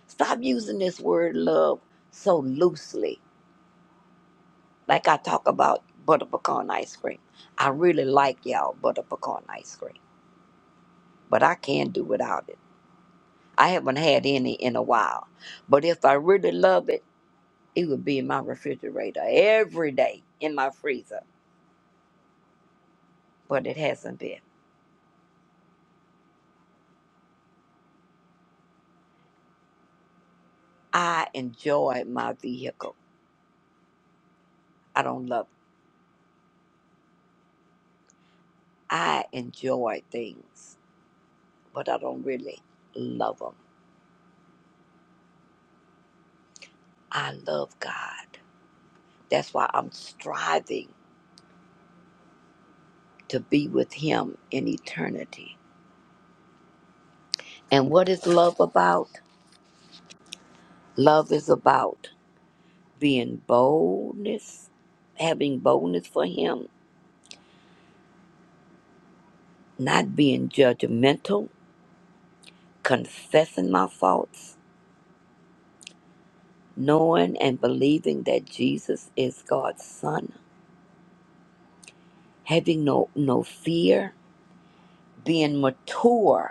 Speaker 11: Stop using this word love so loosely. Like I talk about butter pecan ice cream. I really like y'all butter pecan ice cream, but I can't do without it. I haven't had any in a while. But if I really love it, it would be in my refrigerator every day in my freezer. But it hasn't been. I enjoy my vehicle. I don't love it. I enjoy things, but I don't really love them. I love God. That's why I'm striving to be with Him in eternity. And what is love about? Love is about being boldness, having boldness for Him, not being judgmental, confessing my faults, knowing and believing that Jesus is God's Son, having no, no fear, being mature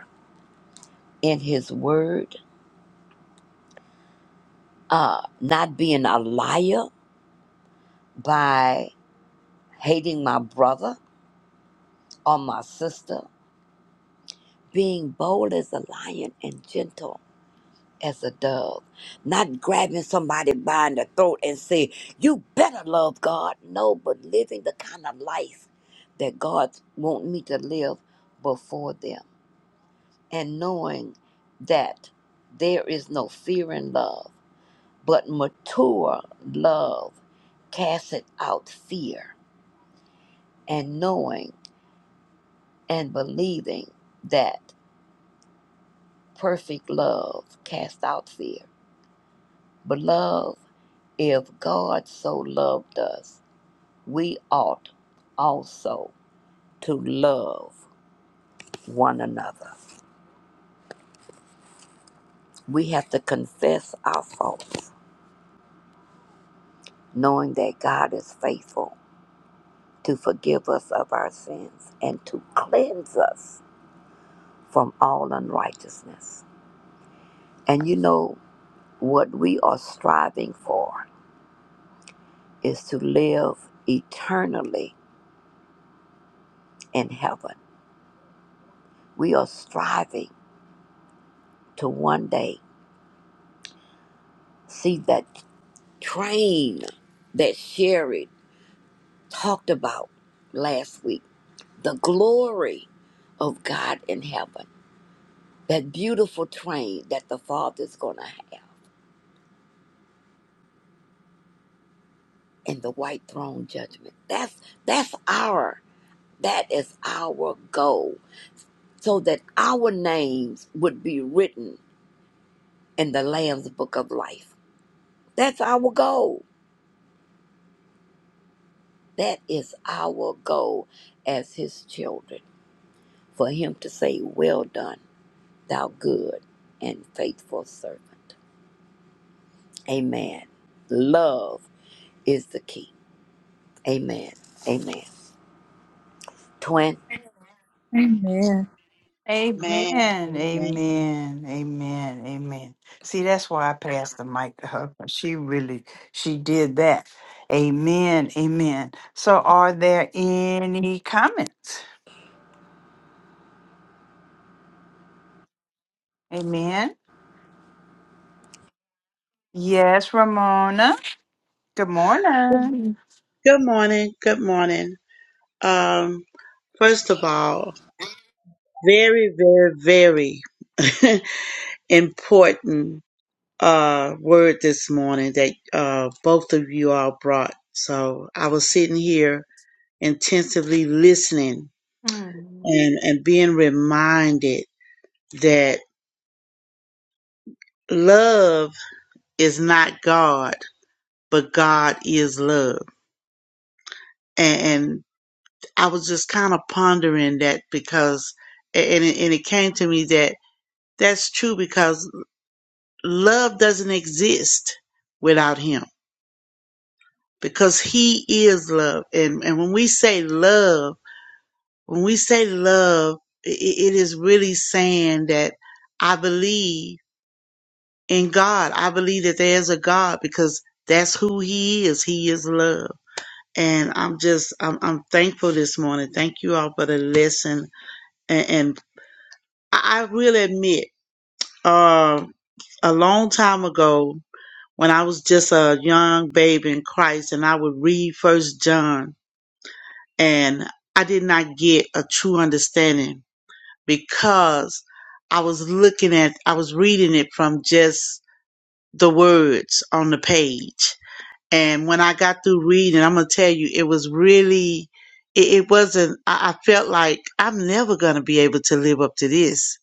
Speaker 11: in his word, uh, not being a liar by hating my brother or my sister, being bold as a lion and gentle as a dove, not grabbing somebody by the throat and say, You better love God. No, but living the kind of life that God wants me to live before them and knowing that there is no fear in love But mature love casteth out fear, and knowing and believing that perfect love casts out fear. Beloved, if God so loved us, we ought also to love one another. We have to confess our faults, knowing that God is faithful to forgive us of our sins and to cleanse us from all unrighteousness. And you know, what we are striving for is to live eternally in heaven. We are striving to one day see that train that Sherry talked about last week, the glory of God in heaven, that beautiful train that the Father's going to have in the white throne judgment. That's that's our that is our goal so that our names would be written in the Lamb's Book of Life. That's our goal. That is our goal as His children, for Him to say, Well done, thou good and faithful servant. Amen. Love is the key. Amen. Amen. Twin,
Speaker 4: Amen.
Speaker 12: Amen.
Speaker 1: Amen.
Speaker 12: Amen.
Speaker 1: Amen. Amen. Amen. See, that's why I passed the mic to her. 'cause She really she did that. Amen. Amen. So are there any comments? Amen. Yes, Ramona. Good morning.
Speaker 12: Good morning. Good morning. Um, first of all, very, very, very important uh word this morning that uh both of you all brought. So I was sitting here intensively listening
Speaker 1: Hmm.
Speaker 12: and, and being reminded that love is not God, but God is love. and. and I was just kind of pondering that because, and it, and it came to me that that's true because love doesn't exist without Him because He is love. And, and when we say love, when we say love, i it is really saying that I believe in God. I believe that there's a God because that's who He is. He is love. And I'm just, I'm, I'm thankful this morning. Thank you all for the lesson and. and I, I will admit, uh, a long time ago, when I was just a young babe in Christ, and I would read First John, and I did not get a true understanding because I was looking at, I was reading it from just the words on the page. And when I got through reading, I'm gonna tell you, it was really, it, it wasn't. I, I felt like I'm never gonna be able to live up to this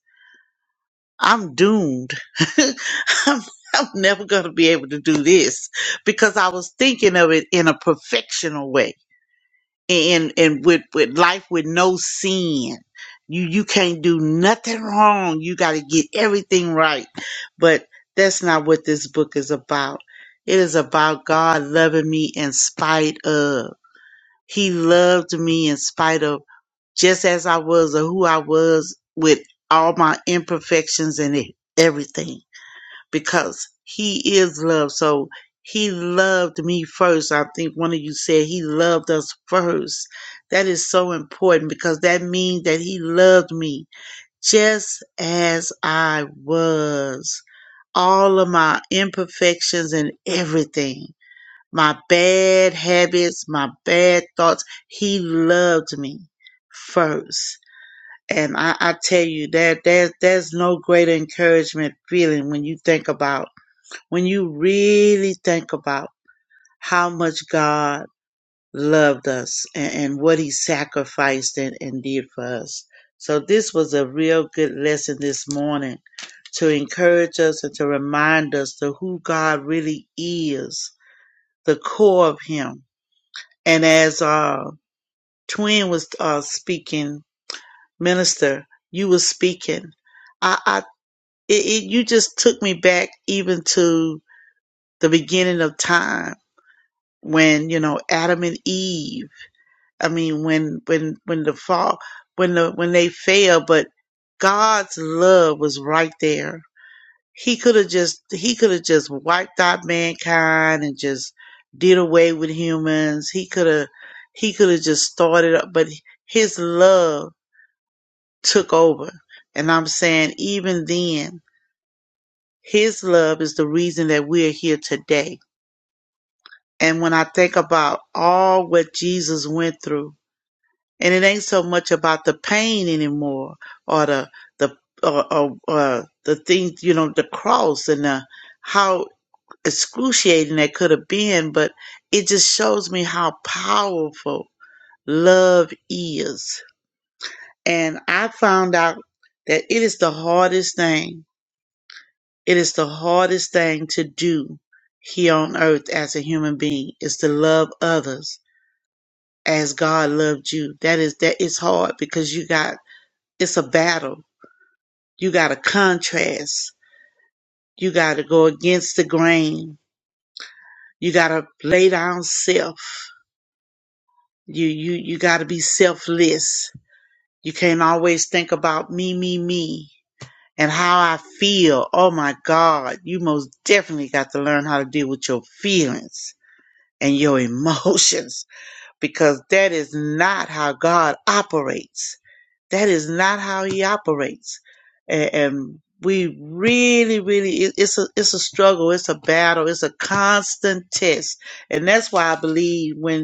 Speaker 12: I'm doomed. I'm, I'm never going to be able to do this because I was thinking of it in a perfectional way and, and with, with life with no sin. You, you can't do nothing wrong. You got to get everything right. But that's not what this book is about. It is about God loving me in spite of. He loved me in spite of just as I was or who I was with all my imperfections and e- everything because he is love. So he loved me first. I think one of you said he loved us first. That is so important because that means that he loved me just as I was. All of my imperfections and everything my bad habits, my bad thoughts. He loved me first. And I, I tell you that there's there's no greater encouragement feeling when you think about when you really think about how much God loved us and, and what he sacrificed and, and did for us. So this was a real good lesson this morning to encourage us and to remind us to who God really is, the core of him and as uh, Twin was uh, speaking, Minister, you was speaking. I, I it, it, you just took me back even to the beginning of time when you know Adam and Eve. I mean, when when when the fall, when the when they fell, but God's love was right there He could have just he could have just wiped out mankind and just did away with humans. He could have he could have just started up, but his love took over. And I'm saying even then, his love is the reason that we're here today. And when I think about all what Jesus went through, and it ain't so much about the pain anymore or the the or, or, or the things, you know, the cross and the how excruciating that could have been, but it just shows me how powerful love is. And I found out that it is the hardest thing. It is the hardest thing to do here on earth as a human being is to love others as God loved you. That is that is hard because you got it's a battle. You got to contrast. You got to go against the grain. You got to lay down self You you you got to be selfless. You can't always think about me, me, me, and how I feel. Oh my God, you most definitely got to learn how to deal with your feelings and your emotions because that is not how God operates. That is not how He operates, and, and we really, really, it- it's a it's a struggle. It's a battle. It's a constant test, and that's why I believe when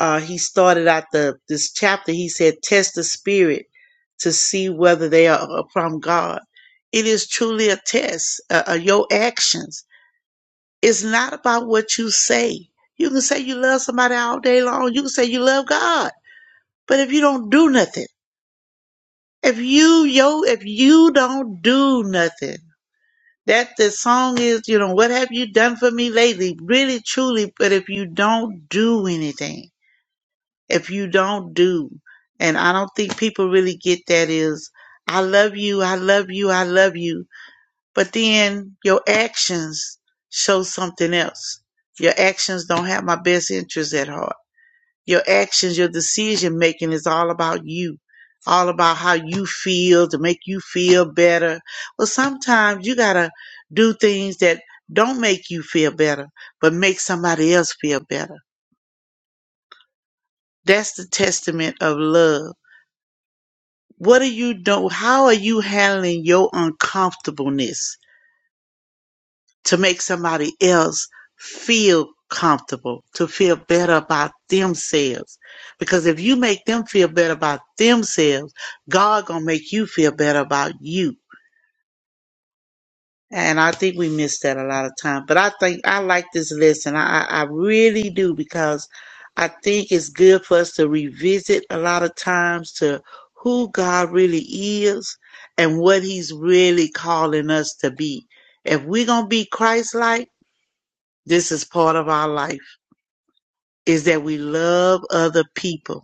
Speaker 12: uh, he started out the this chapter. He said, "Test the spirit to see whether they are from God." It is truly a test. Uh, uh, your actions. It's not about what you say. You can say you love somebody all day long. You can say you love God, but if you don't do nothing, if you yo, if you don't do nothing, that the song is, you know, what have you done for me lately? Really, truly, but if you don't do anything. if you don't do and i don't think people really get that is i love you i love you i love you but then your actions show something else your actions don't have my best interest at heart your actions your decision making is all about you all about how you feel to make you feel better well sometimes you gotta do things that don't make you feel better but make somebody else feel better that's the testament of love What are you doing? How are you handling your uncomfortableness to make somebody else feel comfortable, to feel better about themselves? Because if you make them feel better about themselves, God gonna make you feel better about you. And I think we miss that a lot of time. But I think I like this lesson. I, I I really do because I think it's good for us to revisit a lot of times to who God really is and what He's really calling us to be. If we're gonna be Christ-like, this is part of our life: is that we love other people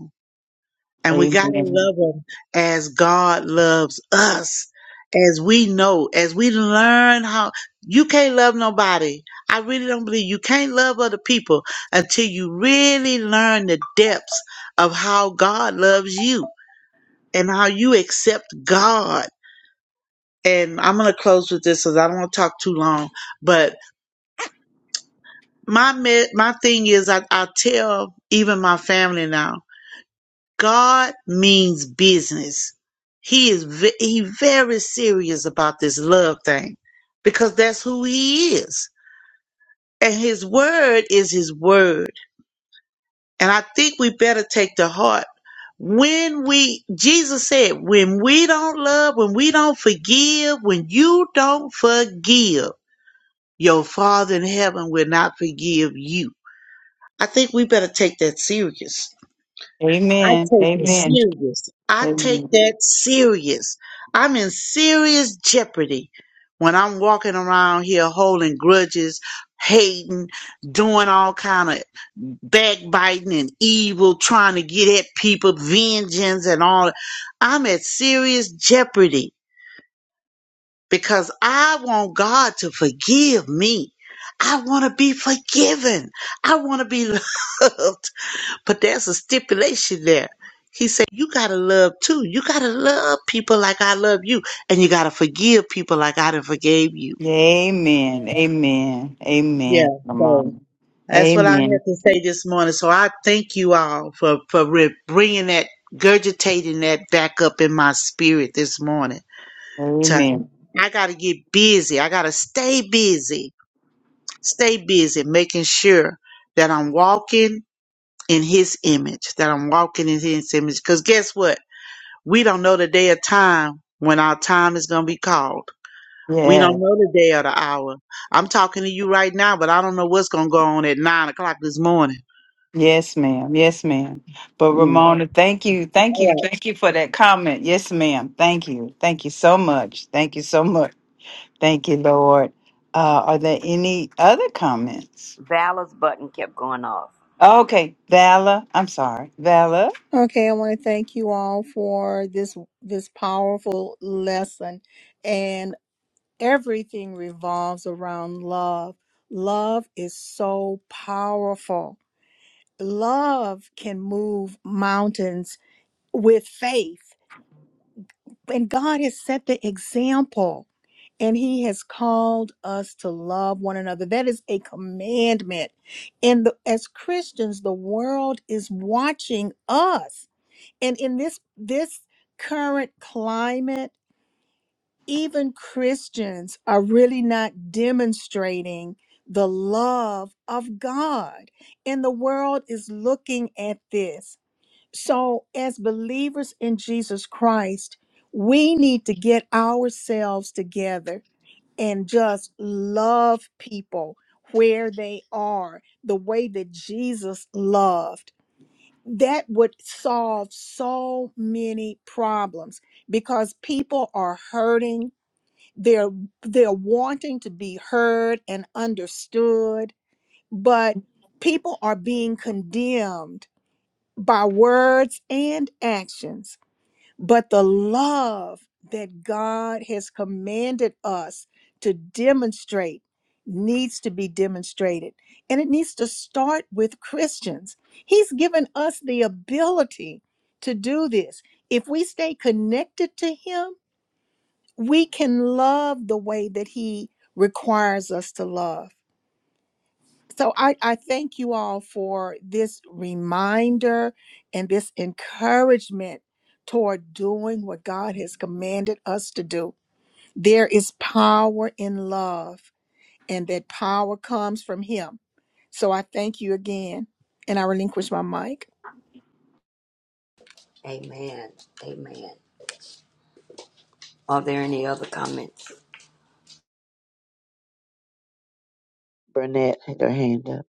Speaker 12: and we got to
Speaker 1: Amen.
Speaker 12: love them as God loves us, as we know, as we learn how. You can't love nobody. I really don't believe you can't love other people until you really learn the depths of how God loves you and how you accept God. And I'm going to close with this because I don't want to talk too long. But my me- my thing is, I, I tell even my family now God means business. He is ve- he very serious about this love thing because that's who he is. And his word is his word. And I think we better take to heart when we Jesus said, when we don't love, when we don't forgive, when you don't forgive, your father in heaven will not forgive you. I think we better take that serious. I
Speaker 1: Amen.
Speaker 12: take it
Speaker 1: Amen.
Speaker 12: serious. I take
Speaker 1: Amen.
Speaker 12: that serious. I'm in serious jeopardy when I'm walking around here holding grudges, hating, doing all kind of backbiting and evil, trying to get at people, vengeance and all. I'm at serious jeopardy because I want God to forgive me. I want to be forgiven. I want to be loved. But there's a stipulation there. He said, You got to love too. You got to love people like I love you. And you got to forgive people like I done forgave you.
Speaker 1: Amen. Amen.
Speaker 12: Yeah.
Speaker 1: Amen.
Speaker 12: So
Speaker 1: Ramona.
Speaker 12: that's what I had
Speaker 1: Amen.
Speaker 12: to say this morning. So I thank you all for, for re- bringing that, gurgitating that back up in my spirit this morning. To,
Speaker 1: Amen.
Speaker 12: I got to get busy. I got to stay busy, stay busy, making sure that I'm walking in his image, that I'm walking in his image. Because guess what? We don't know the day or time when our time is going to be called. We
Speaker 1: Yes.
Speaker 12: don't know the day or the hour. I'm talking to you right now, but I don't know what's going to go on at nine o'clock this morning.
Speaker 1: Yes, ma'am. Yes, ma'am. But
Speaker 12: Mm.
Speaker 1: Ramona, thank you. Thank
Speaker 12: All right.
Speaker 1: you. Thank you for that comment. Yes, ma'am. Thank you. Thank you so much. Thank you so much. Thank you, Lord. Uh, are there any other comments?
Speaker 11: Valor's button kept going off.
Speaker 1: Okay, Vala. I'm sorry. Vala.
Speaker 4: Okay, I want to thank you all for this this powerful lesson and everything revolves around love. Love is so powerful. Love can move mountains with faith. And God has set the example. And he has called us to love one another. That is a commandment. And the, as Christians, the world is watching us. And in this this current climate, even Christians are really not demonstrating the love of God. And the world is looking at this. So as believers in Jesus Christ, we need to get ourselves together and just love people where they are the way that Jesus loved. That would solve so many problems because people are hurting. They're they're wanting to be heard and understood, but people are being condemned by words and actions but the love that God has commanded us to demonstrate needs to be demonstrated. And it needs to start with Christians. He's given us the ability to do this. If we stay connected to Him, we can love the way that He requires us to love. So I, I thank you all for this reminder and this encouragement toward doing what God has commanded us to do. There is power in love, and that power comes from Him. So I thank you again, and I relinquish my mic.
Speaker 11: Amen. Amen. Are there any other comments?
Speaker 6: Burnett had her hand up.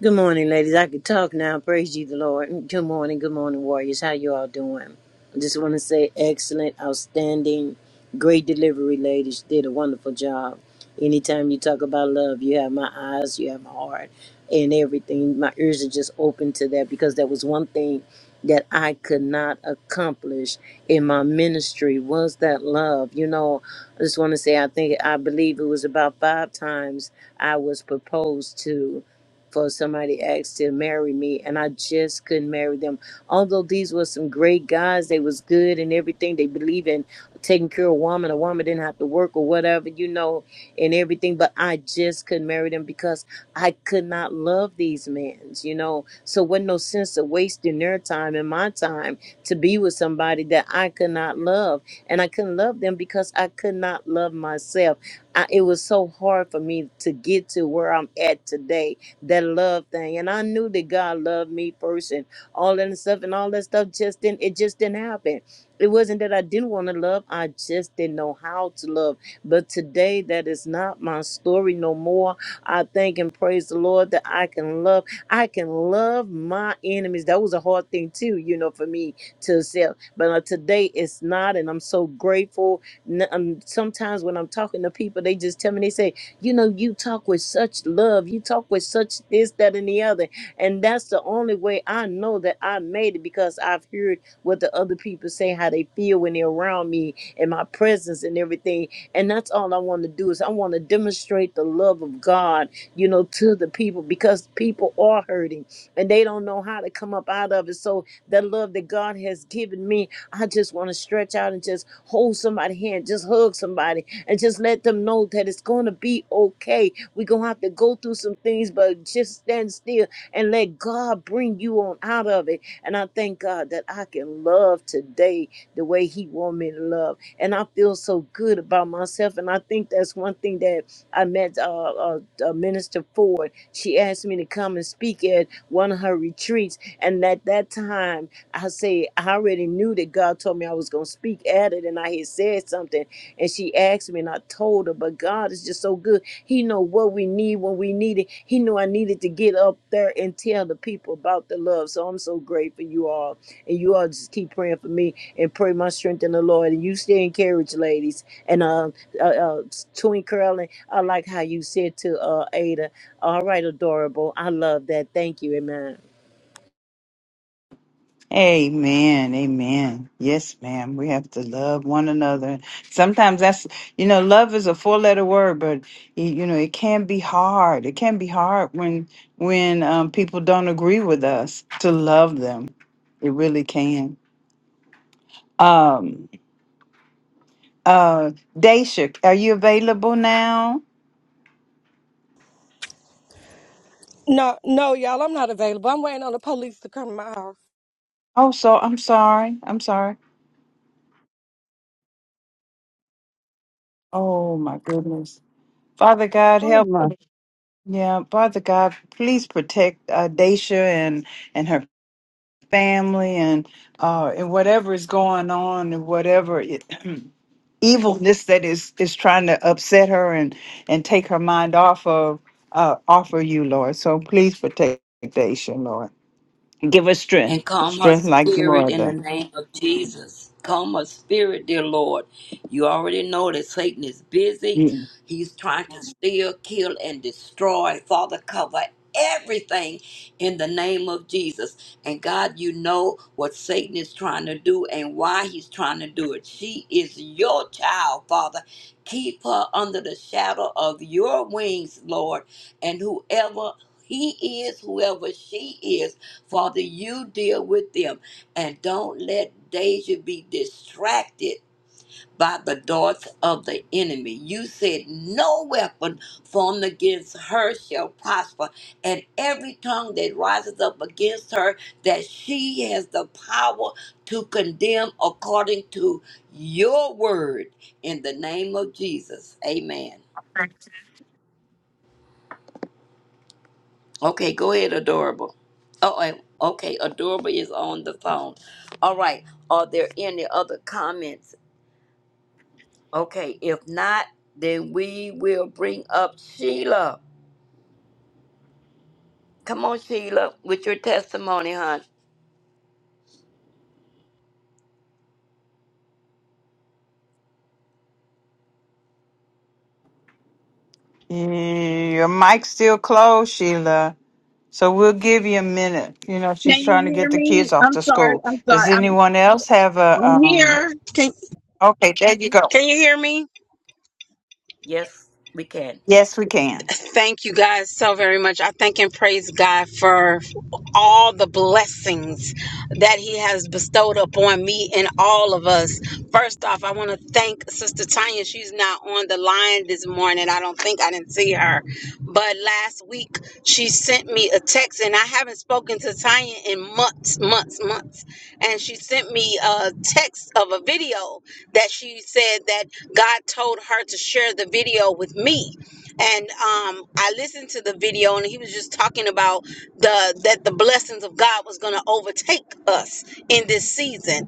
Speaker 13: Good morning, ladies. I could talk now. Praise you, the Lord. Good morning. Good morning, warriors. How you all doing? I just want to say excellent, outstanding, great delivery, ladies. Did a wonderful job. Anytime you talk about love, you have my eyes, you have my heart, and everything. My ears are just open to that because that was one thing that I could not accomplish in my ministry was that love. You know, I just want to say I think I believe it was about five times I was proposed to for somebody asked to marry me and I just couldn't marry them. Although these were some great guys, they was good and everything. They believe in taking care of a woman. A woman didn't have to work or whatever, you know, and everything. But I just couldn't marry them because I could not love these men, you know. So it wasn't no sense of wasting their time and my time to be with somebody that I could not love. And I couldn't love them because I could not love myself. I, it was so hard for me to get to where I'm at today that love thing. And I knew that God loved me first and all that stuff and all that stuff just didn't it just didn't happen. It wasn't that I didn't want to love, I just didn't know how to love. But today that is not my story no more. I thank and praise the Lord that I can love. I can love my enemies. That was a hard thing too, you know, for me to accept. But uh, today it's not, and I'm so grateful. N- um, sometimes when I'm talking to people, they just tell me they say, you know, you talk with such love, you talk with such this, that, and the other. And that's the only way I know that I made it because I've heard what the other people say, how they feel when they're around me and my presence and everything. And that's all I want to do is I want to demonstrate the love of God, you know, to the people because people are hurting and they don't know how to come up out of it. So that love that God has given me, I just want to stretch out and just hold somebody's hand, just hug somebody and just let them know that it's going to be okay. We're going to have to go through some things, but just stand still and let God bring you on out of it. And I thank God that I can love today the way He want me to love. And I feel so good about myself. And I think that's one thing that I met uh, uh, uh, Minister Ford. She asked me to come and speak at one of her retreats. And at that time, I say I already knew that God told me I was going to speak at it, and I had said something and she asked me and I told her, but God is just so good. He know what we need when we need it. He knew I needed to get up there and tell the people about the love. So I'm so grateful you all. And you all just keep praying for me and pray my strength in the Lord. And you stay encouraged, ladies. And uh, uh, uh Twin Curling, I like how you said to uh Ada, all right, adorable. I love that. Thank you, amen.
Speaker 1: Amen. Amen. Yes, ma'am. We have to love one another. Sometimes that's, you know, love is a four letter word, but y- you know, it can be hard. It can be hard when when um, people don't agree with us to love them. It really can. Um uh Daisha, are you available now?
Speaker 10: No, no, y'all, I'm not available. I'm waiting on the police to come to my house.
Speaker 1: Oh, so I'm sorry. I'm sorry. Oh my goodness. Father God,
Speaker 6: Oh
Speaker 1: help.
Speaker 6: my.
Speaker 1: Yeah, Father God, please protect uh, Daisha and and her family and uh and whatever is going on and whatever it, evilness that is is trying to upset her and and take her mind off of uh off of you lord so please protect Daisha, lord give her strength
Speaker 11: and calm her
Speaker 1: strength like no
Speaker 11: spirit in the
Speaker 1: other
Speaker 11: name of Jesus. Calm her spirit, dear Lord. You already know that Satan is busy.
Speaker 1: Yeah.
Speaker 11: He's trying to steal, kill, and destroy. Father, cover everything in the name of Jesus. And God, you know what Satan is trying to do and why he's trying to do it. She is your child, Father. Keep her under the shadow of your wings, Lord. And whoever he is, whoever she is, Father, you deal with them and don't let Deja be distracted by the darts of the enemy. You said, No weapon formed against her shall prosper, and every tongue that rises up against her, that she has the power to condemn according to your word. In the name of Jesus, amen. Okay, go ahead, Adorable. Oh, I- okay, Adorable is on the phone. All right, are there any other comments? Okay, if not, then we will bring up Sheila. Come on, Sheila, with your testimony, hon.
Speaker 1: your mic's still closed sheila so we'll give you a minute you know she's
Speaker 14: Can you
Speaker 1: trying to
Speaker 14: hear
Speaker 1: get the
Speaker 14: me?
Speaker 1: kids off
Speaker 14: I'm
Speaker 1: to
Speaker 14: sorry.
Speaker 1: school
Speaker 14: I'm sorry.
Speaker 1: does
Speaker 14: I'm
Speaker 1: anyone else have a
Speaker 14: I'm
Speaker 1: um
Speaker 14: here. Can
Speaker 1: okay there you go
Speaker 14: Can you hear me?
Speaker 11: Yes, we can.
Speaker 1: yes we can
Speaker 14: thank you guys so very much. I thank and praise God for all the blessings that He has bestowed upon me and all of us. First off, I want to thank Sister Tanya. She's not on the line this morning. I don't think I didn't see her. But last week, she sent me a text, and I haven't spoken to Tanya in months, months, months. And she sent me a text of a video that she said that God told her to share the video with me and um, I listened to the video, and he was just talking about the that the blessings of God was going to overtake us in this season,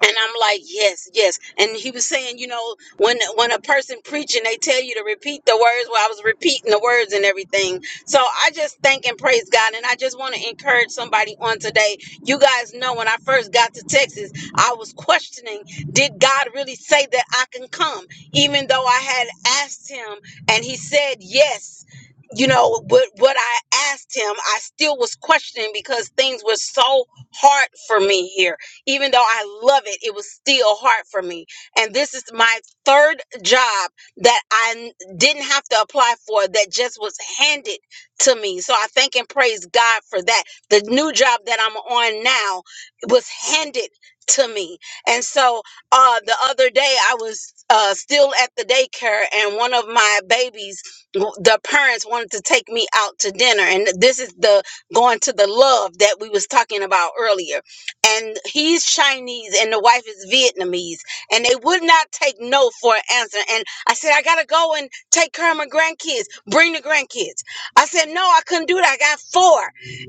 Speaker 14: and I'm like, yes, yes. And he was saying, you know, when when a person preaching, they tell you to repeat the words. Well, I was repeating the words and everything. So I just thank and praise God. And I just want to encourage somebody on today. You guys know when I first got to Texas, I was questioning, did God really say that I can come? Even though I had asked him and he said yes. You know, what what I asked him, I still was questioning because things were so hard for me here even though I love it, it was still hard for me. And this is my third job that I n- didn't have to apply for, that just was handed to me. So I thank and praise God for that. The new job that I'm on now was handed to me. And so uh, the other day, I was uh, still at the daycare, and one of my babies, w- the parents wanted to take me out to dinner. And this is the going to the love that we was talking about earlier and he's Chinese and the wife is Vietnamese and they would not take no for an answer. And I said, I gotta go and take care of my grandkids. Bring the grandkids. I said, no, I couldn't do that. I got four.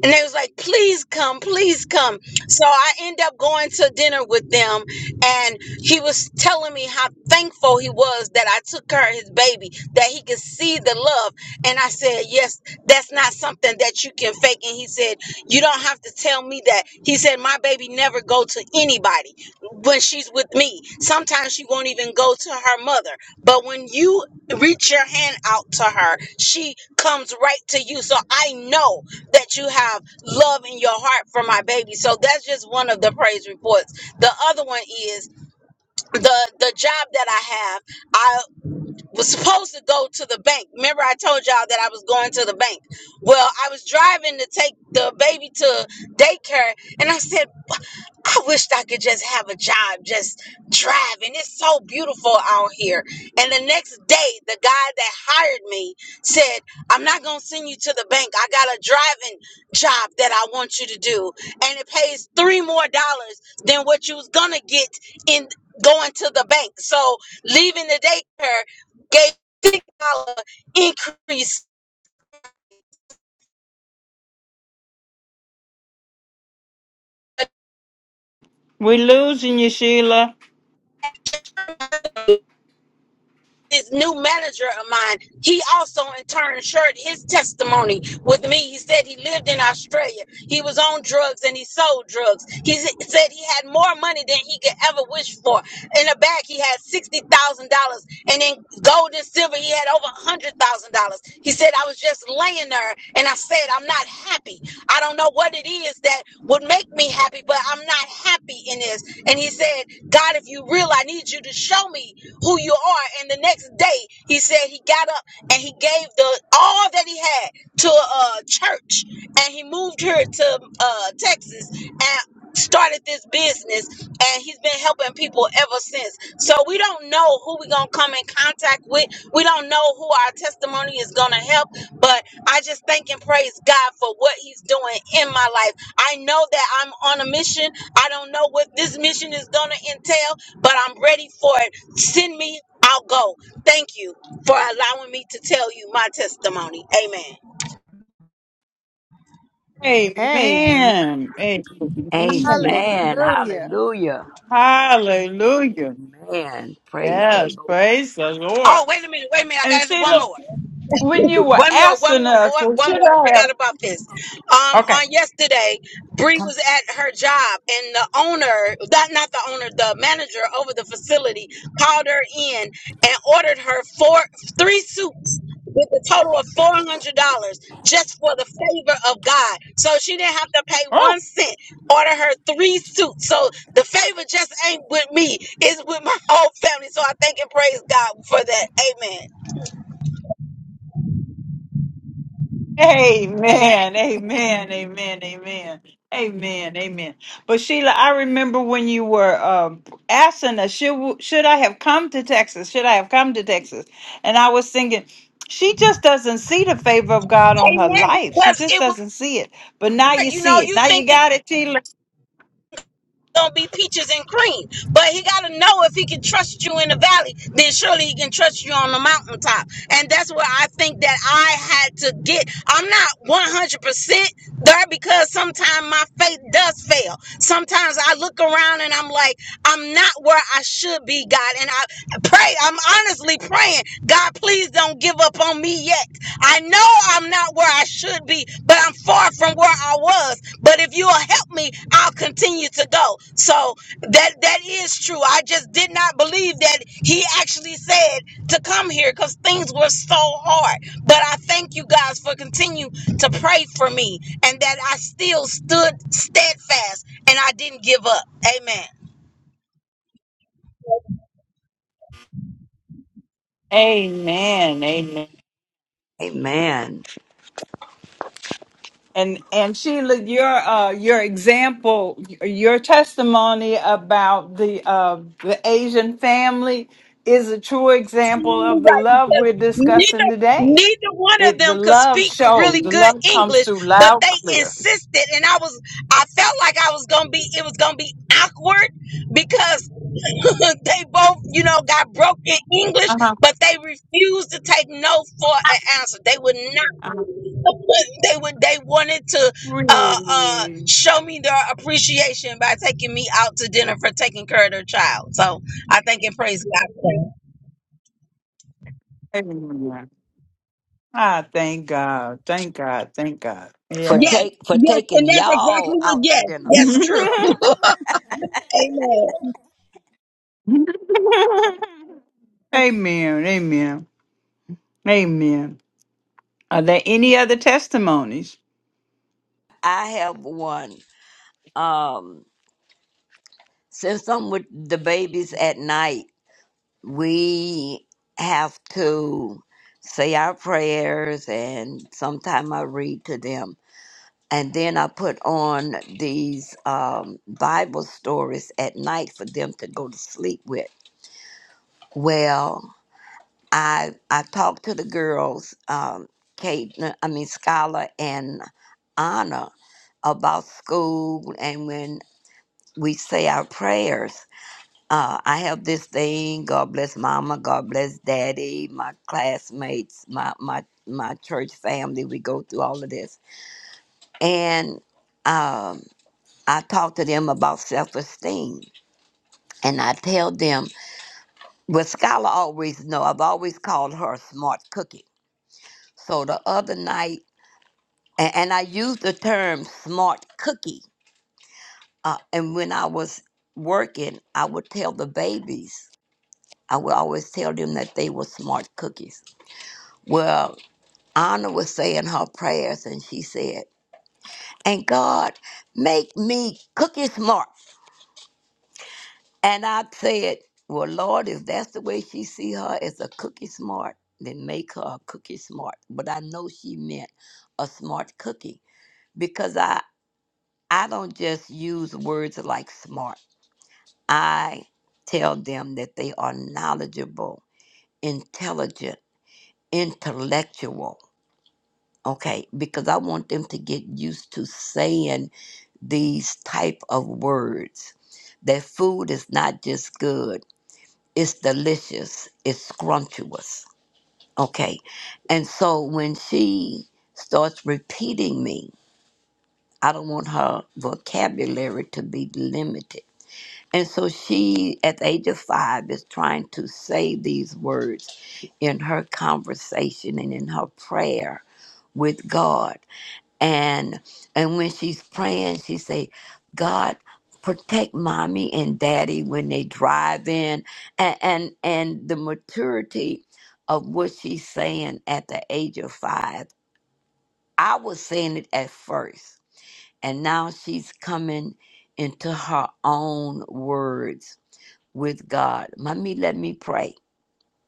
Speaker 14: And they was like, please come, please come. So I end up going to dinner with them and he was telling me how thankful he was that I took care of his baby, that he could see the love. And I said, yes, that's not something that you can fake. And he said, you don't have to tell me that. He said, My baby never go to anybody when she's with me. Sometimes she won't even go to her mother. But when you reach your hand out to her, she comes right to you. So I know that you have love in your heart for my baby. So that's just one of the praise reports. The other one is the the job that I have was supposed to go to the bank. Remember, I told y'all that I was going to the bank. Well, I was driving to take the baby to daycare, and I said, I wished I could just have a job just driving. It's so beautiful out here. And the next day, the guy that hired me said, I'm not going to send you to the bank. I got a driving job that I want you to do. And it pays three more dollars than what you was going to get in going to the bank. So leaving the daycare gave $6 increase.
Speaker 1: we're losing you sheila
Speaker 14: this new manager of mine, he also in turn shared his testimony with me. He said he lived in Australia. He was on drugs and he sold drugs. He s- said he had more money than he could ever wish for. In a bag, he had $60,000. And in gold and silver, he had over $100,000. He said, I was just laying there and I said, I'm not happy. I don't know what it is that would make me happy, but I'm not happy in this. And he said, God, if you real, I need you to show me who you are. And the next day, he said he got up and he gave the all that he had to a church, and he moved here to uh, Texas and started this business. And he's been helping people ever since. So we don't know who we're gonna come in contact with. We don't know who our testimony is gonna help. But I just thank and praise God for what He's doing in my life. I know that I'm on a mission. I don't know what this mission is gonna entail but I'm ready for it. Send me, I'll go. Thank you for allowing me to tell you my testimony. Amen.
Speaker 4: Amen.
Speaker 1: Amen. Amen.
Speaker 11: Amen.
Speaker 4: Hallelujah.
Speaker 11: Hallelujah.
Speaker 1: Hallelujah.
Speaker 11: Man, praise the
Speaker 1: Yes,
Speaker 11: Lord.
Speaker 1: praise the Lord.
Speaker 14: Oh, wait a minute, wait a minute.
Speaker 1: And
Speaker 14: I got one
Speaker 1: Sheila,
Speaker 14: more.
Speaker 1: when you were
Speaker 14: One more, one
Speaker 1: asking
Speaker 14: more,
Speaker 1: us,
Speaker 14: one
Speaker 1: well,
Speaker 14: one more.
Speaker 1: should
Speaker 14: I
Speaker 1: I have?
Speaker 14: forgot about this. Um,
Speaker 1: Okay.
Speaker 14: on yesterday, Bree was at her job, and the owner, not not the owner, the manager over the facility called her in and ordered her four, three suits with a total of four hundred dollars just for the favor of God. So she didn't have to pay one cent. Order her three suits. So the favor just ain't with me; it's with my whole family. So I thank and praise God for that. Amen.
Speaker 1: Amen. Amen. Amen. Amen. Amen. Amen. But Sheila, I remember when you were um, asking us, should, should I have come to Texas? Should I have come to Texas? And I was thinking, she just doesn't see the favor of God on her
Speaker 14: Amen.
Speaker 1: life. She
Speaker 14: Because
Speaker 1: just
Speaker 14: it was.
Speaker 1: doesn't see it. But now you
Speaker 14: You know,
Speaker 1: see it.
Speaker 14: you
Speaker 1: Now you
Speaker 14: thinking
Speaker 1: got it, Sheila.
Speaker 14: gonna be peaches and cream, but he gotta know if he can trust you in the valley, then surely he can trust you on the mountaintop. And that's where I think that I had to get. I'm not 100 percent there because sometimes my faith does fail. Sometimes I look around and I'm like, I'm not where I should be, God. And I pray. I'm honestly praying, God, please don't give up on me yet. I know I'm not where I should be, but I'm far from where I was. But if you'll help me, I'll continue to go. So that that is true. I just did not believe that he actually said to come here because things were so hard. But I thank you guys for continue to pray for me and that I still stood steadfast and I didn't give up. Amen.
Speaker 1: Amen. Amen.
Speaker 11: Amen.
Speaker 1: And and Sheila, your uh, your example, your testimony about the uh, the Asian family is a true example
Speaker 14: absolutely
Speaker 1: of the
Speaker 14: right
Speaker 1: love
Speaker 14: because
Speaker 1: we're discussing
Speaker 14: neither
Speaker 1: today.
Speaker 14: neither one of
Speaker 1: It the
Speaker 14: them could
Speaker 1: love
Speaker 14: speak
Speaker 1: shows,
Speaker 14: really
Speaker 1: the
Speaker 14: good
Speaker 1: love comes
Speaker 14: English,
Speaker 1: through
Speaker 14: but
Speaker 1: loud,
Speaker 14: they
Speaker 1: clear.
Speaker 14: insisted, and I was I felt like I was gonna be it was gonna be awkward because they both you know got broken English,
Speaker 1: Uh-huh.
Speaker 14: but they refused to take no for an answer. They would not.
Speaker 1: Uh-huh.
Speaker 14: They would. They wanted to uh, uh,
Speaker 1: Really?
Speaker 14: show me their appreciation by taking me out to dinner for taking care of their child. So I think and praise God.
Speaker 1: Amen. Ah, thank God, thank God, thank God.
Speaker 11: For
Speaker 1: Yeah.
Speaker 14: Yes,
Speaker 11: take for
Speaker 14: yes,
Speaker 11: taking
Speaker 14: and that's exactly
Speaker 11: y'all
Speaker 14: what.
Speaker 11: out to
Speaker 14: Yes,
Speaker 11: dinner, baby
Speaker 14: that's true.
Speaker 11: girl.
Speaker 14: Amen.
Speaker 1: amen. Amen. Amen. Are there any other testimonies?
Speaker 11: I have one. Um since I'm with the babies at night, we have to say our prayers and sometime I read to them. And then I put on these um, Bible stories at night for them to go to sleep with. Well, I I talked to the girls, um, Kate, I mean Skylar and Anna, about school and when we say our prayers Uh, I have this thing. God bless Mama. God bless Daddy. My classmates. My my my church family. We go through all of this, and um, I talk to them about self esteem, and I tell them. Well, Skylar always know. I've always called her smart cookie. So the other night, and, and I used the term smart cookie. Uh, and when I was working, I would tell the babies. I would always tell them that they were smart cookies. Well, Anna was saying her prayers and she said, And God, make me cookie smart. And I said, Well, Lord, if that's the way she see her as a cookie smart, then make her a cookie smart. But I know she meant a smart cookie because I, I don't just use words like smart. I tell them that they are knowledgeable, intelligent, intellectual. Okay, because I want them to get used to saying these type of words that food is not just good it's delicious it's scrumptious okay and so when she starts repeating me i don't want her vocabulary to be limited and so she at the age of five is trying to say these words in her conversation and in her prayer with god and and when she's praying she say god protect mommy and daddy when they drive in and and, and the maturity of what she's saying at the age of five i was saying it at first and now she's coming into her own words with god mommy let me pray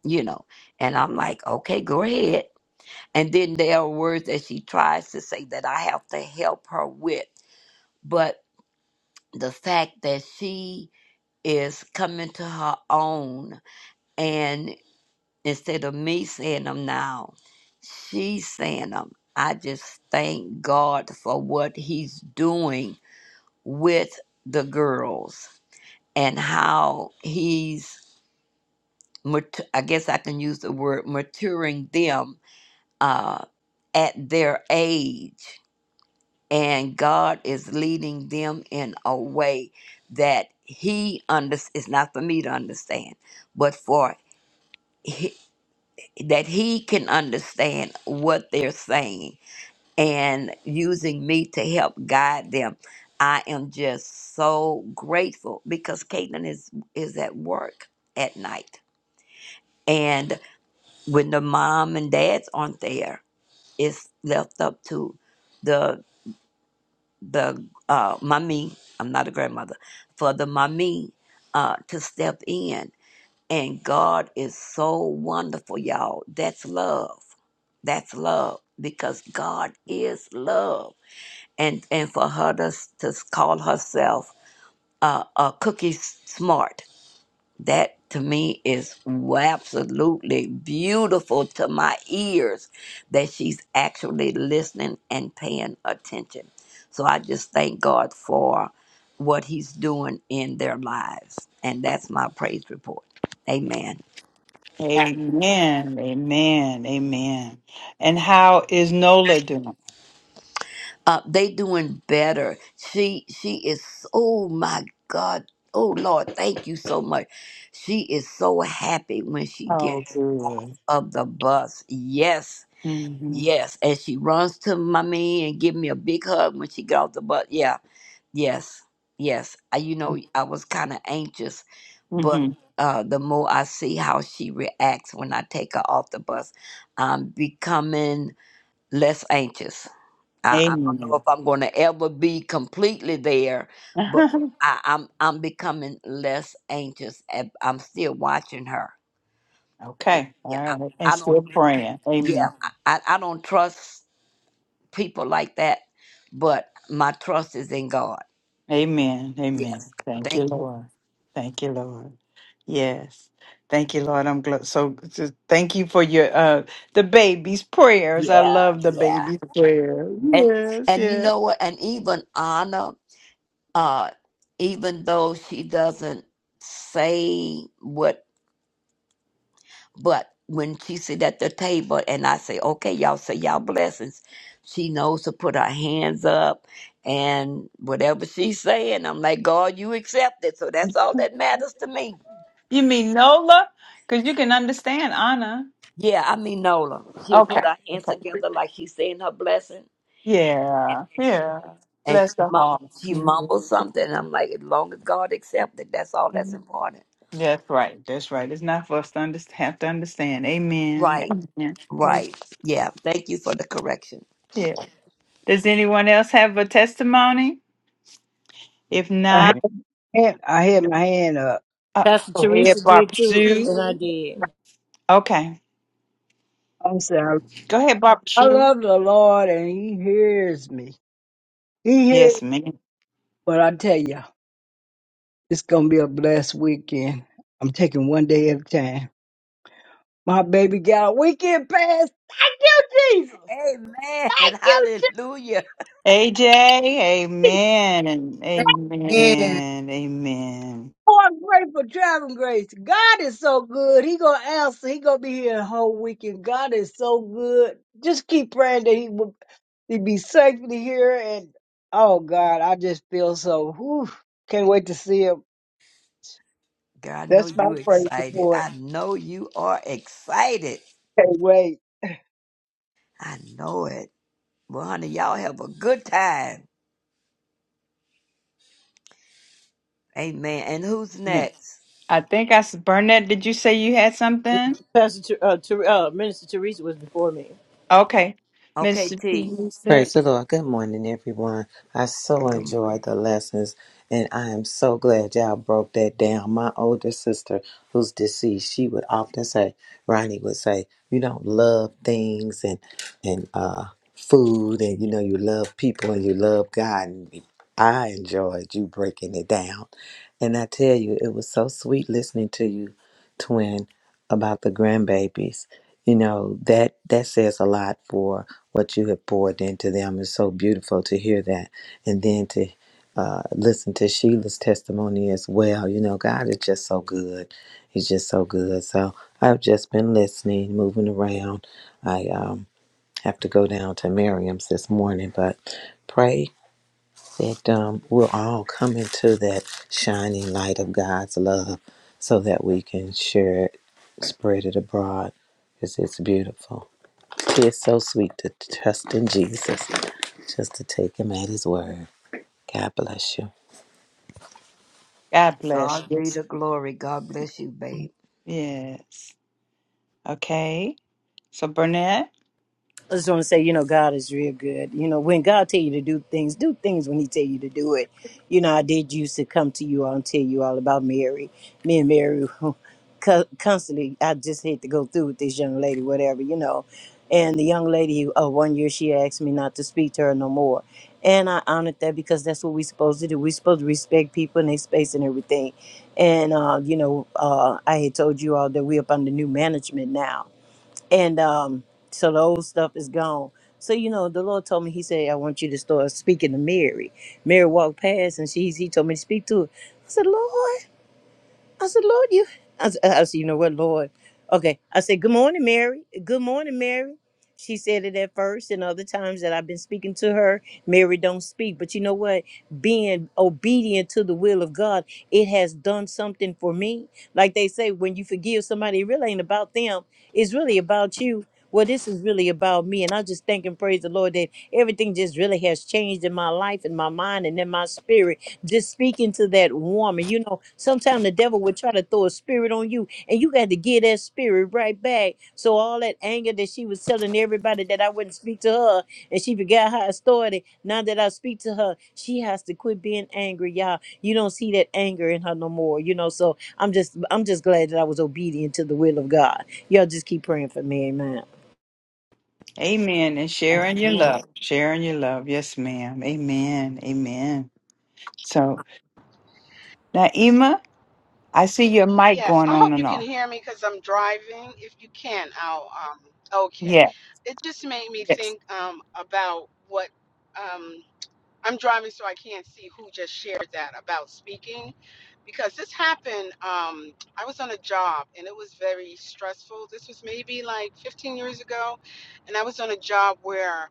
Speaker 11: you know and i'm like okay go ahead and then there are words that she tries to say that i have to help her with but the fact that she is coming to her own and instead of me saying them now she's saying them i just thank god for what he's doing with the girls and how he's mat- i guess i can use the word maturing them uh, at their age and God is leading them in a way that He under It's not for me to understand, but for he, that He can understand what they're saying and using me to help guide them. I am just so grateful because Caitlin is is at work at night, and when the mom and dad's aren't there, it's left up to. the uh, mommy, I'm not a grandmother, for the mommy uh, to step in. And God is so wonderful, y'all. That's love. That's love because God is love. And and for her to, to call herself uh, a cookie smart that to me is absolutely beautiful to my ears that she's actually listening and paying attention. So I just thank God for what He's doing in their lives. And that's my praise report. Amen.
Speaker 1: Amen. Amen. Amen. And how is Nola doing?
Speaker 11: Uh, they doing better. She she is oh my God. Oh Lord, thank you so much. She is so happy when she
Speaker 1: Oh,
Speaker 11: gets off
Speaker 1: good.
Speaker 11: of the bus. Yes
Speaker 1: Mm-hmm.
Speaker 11: Yes, and she runs to my man and give me a big hug when she got off the bus. Yeah, yes, yes. I, you know, I was kind of anxious, but
Speaker 1: Mm-hmm.
Speaker 11: uh, the more I see how she reacts when I take her off the bus, I'm becoming less anxious. I, I don't know
Speaker 1: Amen.
Speaker 11: if I'm going to ever be completely there, but I, I'm I'm becoming less anxious. and I'm still watching her. Yeah,
Speaker 1: okay. All
Speaker 11: yeah I,
Speaker 1: right. And
Speaker 11: I don't.
Speaker 1: still praying.
Speaker 11: Yeah,
Speaker 1: Amen.
Speaker 11: I, I I don't trust. people like that, but my trust is in God.
Speaker 1: Amen.
Speaker 11: Yeah,
Speaker 1: Amen. Thank you,
Speaker 11: thank
Speaker 1: Lord. Thank you, Lord. Yes. Thank you, Lord. I'm gl- so, so thank you for your uh the baby's prayers.
Speaker 11: you.
Speaker 1: I
Speaker 11: Yeah,
Speaker 1: love the
Speaker 11: yeah.
Speaker 1: baby's prayer.
Speaker 11: And
Speaker 1: Yes,
Speaker 11: and you
Speaker 1: yes.
Speaker 11: know what? And even Anna, uh, even though she doesn't say what, but when she sit at the table and I say, "Okay, y'all say y'all blessings," she knows to put her hands up. And whatever she's saying, I'm like, God, you accept it. So that's all that matters to me.
Speaker 1: You mean Nola? Because you can understand Anna.
Speaker 11: Yeah, I mean Nola. She'll put
Speaker 1: Okay.
Speaker 11: her hands
Speaker 1: Okay.
Speaker 11: together like she's saying her blessing,
Speaker 1: Yeah. Yeah.
Speaker 11: and she
Speaker 1: Bless the
Speaker 11: mumbles,
Speaker 1: heart.
Speaker 11: she
Speaker 1: Mhm.
Speaker 11: mumbles something. I'm like, as long as God accepts it, that's all that's
Speaker 1: Mhm.
Speaker 11: important.
Speaker 1: That's right. That's right. It's not for us to underst have to understand.
Speaker 11: Right,
Speaker 1: Amen. Amen.
Speaker 11: right. Yeah, thank you for the correction.
Speaker 1: Yeah. Does anyone else have a testimony? If
Speaker 15: I had,
Speaker 1: not,
Speaker 6: goodness.
Speaker 15: had- I had my hand up.
Speaker 1: uh,
Speaker 13: Pastor
Speaker 1: go ahead,
Speaker 13: Teresa did
Speaker 1: Barbara
Speaker 13: too,
Speaker 1: Sue.
Speaker 13: and I did.
Speaker 1: Okay.
Speaker 15: I'm sorry.
Speaker 1: Go ahead, Barbara
Speaker 15: I
Speaker 1: Sue.
Speaker 15: love the Lord and He hears me. He hears.
Speaker 1: Yes, ma'am.
Speaker 15: But I tell you, it's going to be a blessed weekend. I'm taking one day at a time. My baby got a weekend pass. Thank you, Jesus. Thank
Speaker 11: Amen.
Speaker 15: you,
Speaker 11: Hallelujah.
Speaker 1: AJ,
Speaker 15: Jesus.
Speaker 1: amen.
Speaker 4: Amen.
Speaker 1: Amen. Amen.
Speaker 15: Oh, I'm grateful, traveling grace. God is so good. He gonna answer. He gonna be here the whole weekend. God is so good. Just keep praying that He will. to be safely here. And oh God, I just feel so. Whew, can't wait to see him.
Speaker 11: God, I know
Speaker 15: That's my
Speaker 11: you
Speaker 15: praise
Speaker 11: excited.
Speaker 15: support.
Speaker 11: I know you are excited.
Speaker 15: Can't wait.
Speaker 11: I know it. Well, honey, y'all have a good time. Amen. And who's
Speaker 1: Amen.
Speaker 11: next?
Speaker 1: I think I s- Burnett. Did you say you had something?
Speaker 13: Pastor Ter- uh, Ter- uh, Minister Teresa was before me.
Speaker 1: Okay,
Speaker 11: Okay,
Speaker 1: Mr.
Speaker 11: T.
Speaker 1: Producer.
Speaker 16: Praise the Lord. Good morning, everyone. I so
Speaker 11: Good
Speaker 16: enjoyed
Speaker 11: morning.
Speaker 16: the lessons, and I am so glad y'all broke that down. My older sister, who's deceased, she would often say, Ronnie would say, "You don't love things and and uh, food, and you know you love people and you love God." And I enjoyed you breaking it down, and I tell you, it was so sweet listening to you, twin, about the grandbabies. You know, that that says a lot for what you have poured into them. It's so beautiful to hear that. And then to uh, listen to Sheila's testimony as well. You know, God is just so good. He's just so good. So I've just been listening, moving around. I um, have to go down to Miriam's this morning, but pray that um, we'll all come into that shining light of God's love so that we can share it, spread it abroad because it's beautiful. It's so sweet to trust in Jesus, just to take him at his word. God bless you.
Speaker 1: God bless.
Speaker 11: God be
Speaker 1: Yes.
Speaker 11: the glory. God bless you, babe.
Speaker 1: Yes. Okay. So Burnett.
Speaker 13: I just want to say, you know, God is real good. You know, when God tell you to do things, do things when He tell you to do it. You know, I did used to come to you all and tell you all about Mary. Me and Mary, co- constantly, I just had to go through with this young lady, whatever, you know. And the young lady, uh, one year she asked me not to speak to her no more, and I honored that because that's what we supposed to do. we supposed to respect people and their space and everything. And uh, you know, uh, I had told you all that we're up under new management now and um, so the old stuff is gone. So you know, the Lord told me. He said, "I want you to start speaking to Mary." Mary walked past, and she's he told me to speak to her. I said, "Lord." I said, Lord, you. I said, I said, you know what, Lord? Okay. I said, Good morning, Mary. Good morning, Mary. She said it at first, and other times that I've been speaking to her, Mary don't speak. But you know what? Being obedient to the will of God, it has done something for me. Like they say, when you forgive somebody, it really ain't about them. It's really about you. Well, this is really about me. And I just thank and praise the Lord that everything just really has changed in my life and my mind and in my spirit just speaking to that woman. You know, sometimes the devil would try to throw a spirit on you, and you got to get that spirit right back. So all that anger that she was telling everybody that I wouldn't speak to her, and she forgot how I started. Now that I speak to her, she has to quit being angry, y'all. You don't see that anger in her no more. You know, so I'm just I'm just glad that I was obedient to the will of God. Y'all just keep praying for me, Amen.
Speaker 1: Amen. And sharing your
Speaker 11: Amen.
Speaker 1: love. Sharing your love. Yes, ma'am. Amen. Amen. So now, Emma, I see your mic
Speaker 8: Yes,
Speaker 1: going
Speaker 8: I
Speaker 1: on
Speaker 8: hope you
Speaker 1: and
Speaker 8: can
Speaker 1: off.
Speaker 8: hear me because I'm driving. If you can, I'll. Um, okay.
Speaker 1: Yeah.
Speaker 8: It just made me
Speaker 1: Yes.
Speaker 8: think um, about what um, I'm driving, so I can't see who just shared that about speaking, because this happened. Um, I was on a job and it was very stressful. This was maybe like 15 years ago, and I was on a job where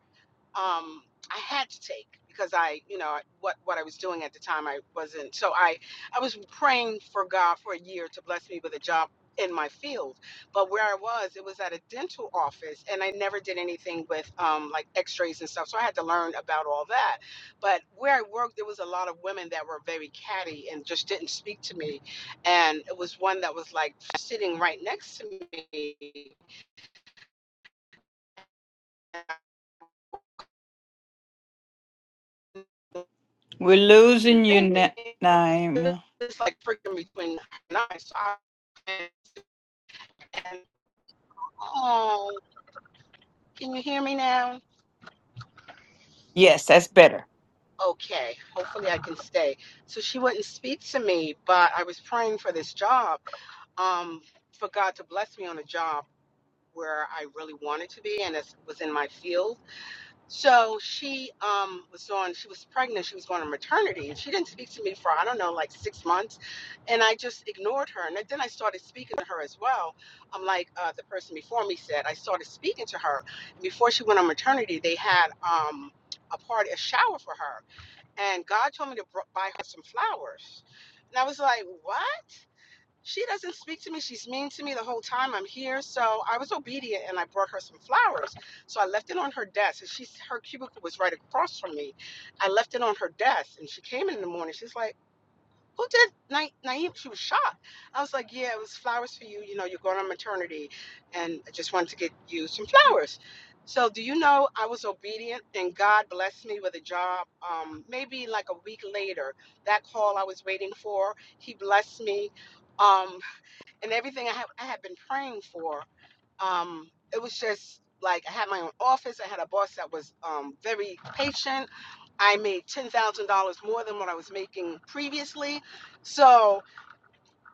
Speaker 8: um, I had to take because I, you know, what what I was doing at the time, I wasn't. So I, I was praying for God for a year to bless me with a job in my field. But where I was, it was at a dental office, and I never did anything with um, like X-rays and stuff. So I had to learn about all that. But where I worked, there was a lot of women that were very catty and just didn't speak to me. And it was one that was like sitting right next to me.
Speaker 1: We're
Speaker 8: And
Speaker 1: losing
Speaker 8: I didn't do
Speaker 1: you, Na-
Speaker 8: anything.
Speaker 1: Naima.
Speaker 8: It's like freaking between her and So and oh, can you hear me now?
Speaker 1: Yes, that's better.
Speaker 8: Okay, hopefully I can stay. So she wouldn't speak to me, but I was praying for this job, um, for God to bless me on a job where I really wanted to be and it was in my field So she um, was on, she was pregnant, she was going on maternity, and she didn't speak to me for, I don't know, like six months. And I just ignored her. And then I started speaking to her as well. I'm like uh, the person before me said, I started speaking to her. And before she went on maternity, they had um, a party, a shower for her. And God told me to br- buy her some flowers. And I was like, what? She doesn't speak to me. She's mean to me the whole time I'm here. So I was obedient and I brought her some flowers. So I left it on her desk. And she's her cubicle was right across from me. I left it on her desk and she came in the morning. She's like, Who did Na- Naeem? She was shocked. I was like, Yeah, it was flowers for you. You know, you're going on maternity and I just wanted to get you some flowers. So do you know I was obedient and God blessed me with a job. Um, maybe like a week later, that call I was waiting for, he blessed me. Um, and everything I had I had been praying for, um, it was just like I had my own office. I had a boss that was um, very patient. I made ten thousand dollars more than what I was making previously, so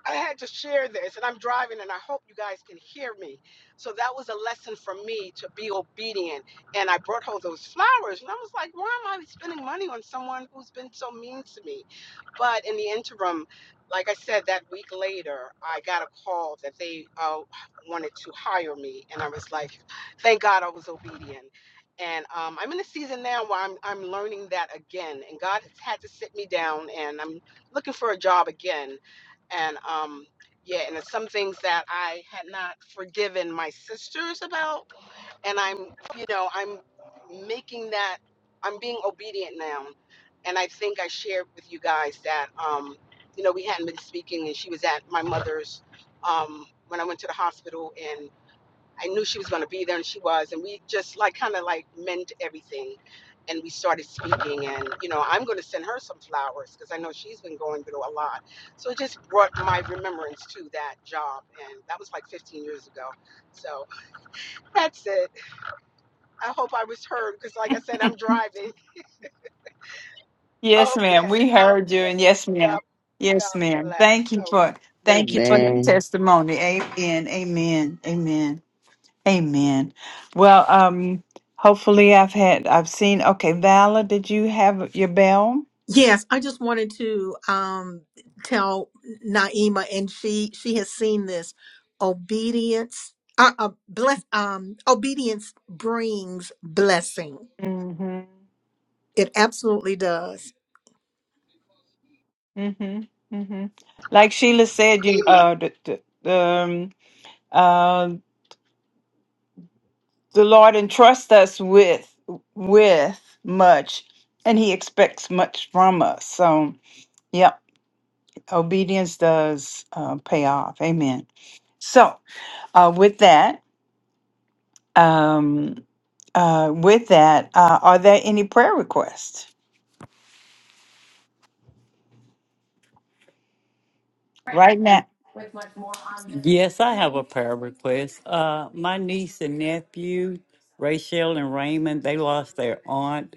Speaker 8: I had to share this, and I'm driving, and I hope you guys can hear me. So that was a lesson for me to be obedient. And I brought home those flowers, and I was like, why am I spending money on someone who's been so mean to me? But in the interim, like I said, that week later, I got a call that they uh, wanted to hire me, and I was like, thank God I was obedient. And um, I'm in a season now where I'm I'm learning that again, and God has had to sit me down, and I'm looking for a job again and um yeah and it's some things that i had not forgiven my sisters about and i'm you know i'm making that i'm being obedient now and i think i shared with you guys that um you know we hadn't been speaking and she was at my mother's um when i went to the hospital I knew she was going to be there, and she was. And we just like kind of like mend everything, and we started speaking. And you know, I'm going to send her some flowers because I know she's been going through a lot. So it just brought my remembrance to that job, and that was like 15 years ago. So that's it. I hope I was heard because, like I said, I'm driving.
Speaker 1: Yes, ma'am.
Speaker 8: Okay,
Speaker 1: We heard you, and
Speaker 8: okay.
Speaker 1: yes,
Speaker 8: God,
Speaker 1: ma'am.
Speaker 8: God
Speaker 1: Yes, ma'am.
Speaker 8: bless.
Speaker 1: Thank you for thank you for that
Speaker 6: Amen.
Speaker 1: testimony. Amen. Amen. Amen. Amen. Well, um, hopefully I've had I've seen. Okay, Vala, did you have your bell?
Speaker 4: Yes, I just wanted to um, tell Naima, and she she has seen this obedience. Uh, uh, bless um, obedience brings blessing.
Speaker 1: Mm-hmm.
Speaker 4: It absolutely does.
Speaker 1: Mm-hmm. Mm-hmm. Like Sheila said, you
Speaker 8: Okay,
Speaker 1: uh the, the um uh the Lord entrusts us with with much, and He expects much from us. So. Yep. obedience does uh, pay off. Amen. So, uh, with that, um, uh, with that, uh, are there any prayer requests right now?
Speaker 7: Yes, I have a prayer request. Uh, my niece and nephew, Rachel and Raymond, they lost their aunt,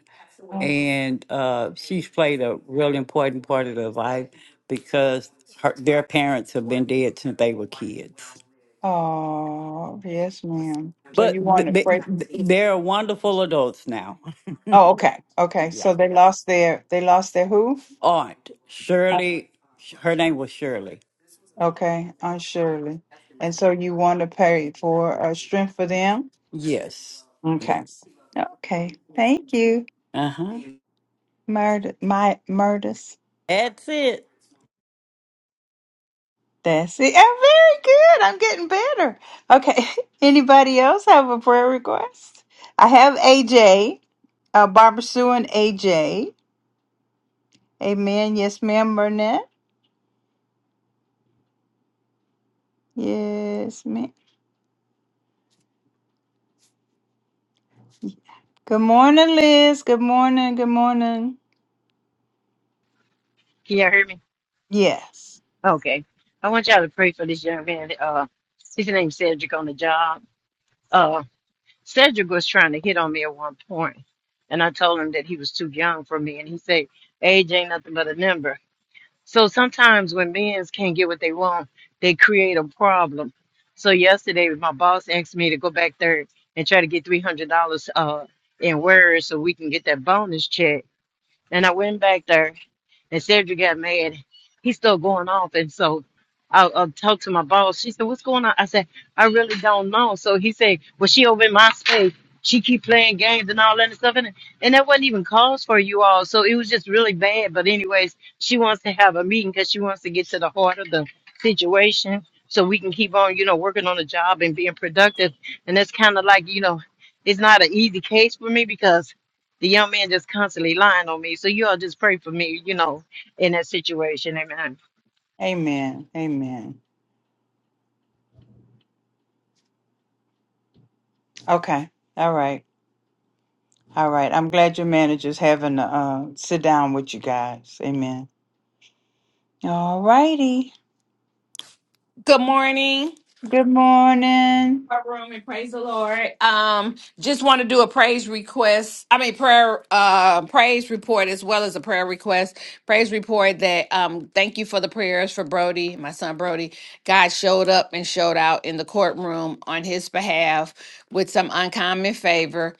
Speaker 1: Um,
Speaker 7: and uh, she's played a really important part of their life because her, their parents have been dead since they were kids.
Speaker 1: Oh, yes, ma'am. So you
Speaker 7: But
Speaker 1: want
Speaker 7: th-
Speaker 1: to
Speaker 7: they,
Speaker 1: pray?
Speaker 7: th- they're wonderful adults now.
Speaker 1: Oh, okay, okay.
Speaker 7: Yeah,
Speaker 1: So they
Speaker 7: yeah.
Speaker 1: lost their they lost their who?
Speaker 7: Aunt
Speaker 1: Uh,
Speaker 7: Shirley, her name was Shirley.
Speaker 1: Okay, on Shirley, and so you want to pray for uh, strength for them?
Speaker 7: Yes,
Speaker 1: Okay,
Speaker 7: yes.
Speaker 1: okay. Thank you,
Speaker 7: Uh huh.
Speaker 1: Murder, my Murders.
Speaker 7: That's it.
Speaker 1: That's it. I'm very good. I'm getting better. Okay. Anybody else have a prayer request? I have AJ, uh, Barbara Sue and AJ. Amen. Yes, ma'am, Burnett. Yes, ma'am. Good morning, Liz. Good morning. Good morning.
Speaker 13: Can y'all hear me?
Speaker 1: Yes.
Speaker 13: Okay. I want y'all to pray for this young man. Uh, his name's Cedric on the job. Cedric was trying to hit on me at one point, and I told him that he was too young for me, and he said, "Age ain't nothing but a number." So sometimes when men can't get what they want, they create a problem. So yesterday, my boss asked me to go back there and try to get three hundred dollars uh in words so we can get that bonus check, and I went back there and Cedric got mad. He's still going off. And so I, I talked to my boss. She said, what's going on? I said, I really don't know. So he said, well, she over in my space. She keep playing games and all that and stuff. And, and that wasn't even cause for you all. So it was just really bad. But anyways, she wants to have a meeting because she wants to get to the heart of the situation so we can keep on, you know, working on the job and being productive. And that's kind of like, you know, it's not an easy case for me because the young man just constantly lying on me. So you all just pray for me, you know in that situation. Amen.
Speaker 1: Amen. Amen. Okay. All right. All right. I'm glad your manager's having a uh, sit down with you guys. Amen. All righty.
Speaker 17: Good morning.
Speaker 1: Good morning.
Speaker 17: Our room and praise the Lord. Um, just want to do a praise request. I mean prayer uh praise report as well as a prayer request. Praise report that um thank you for the prayers for Brody, my son Brody. God showed up and showed out in the courtroom on his behalf with some uncommon favor.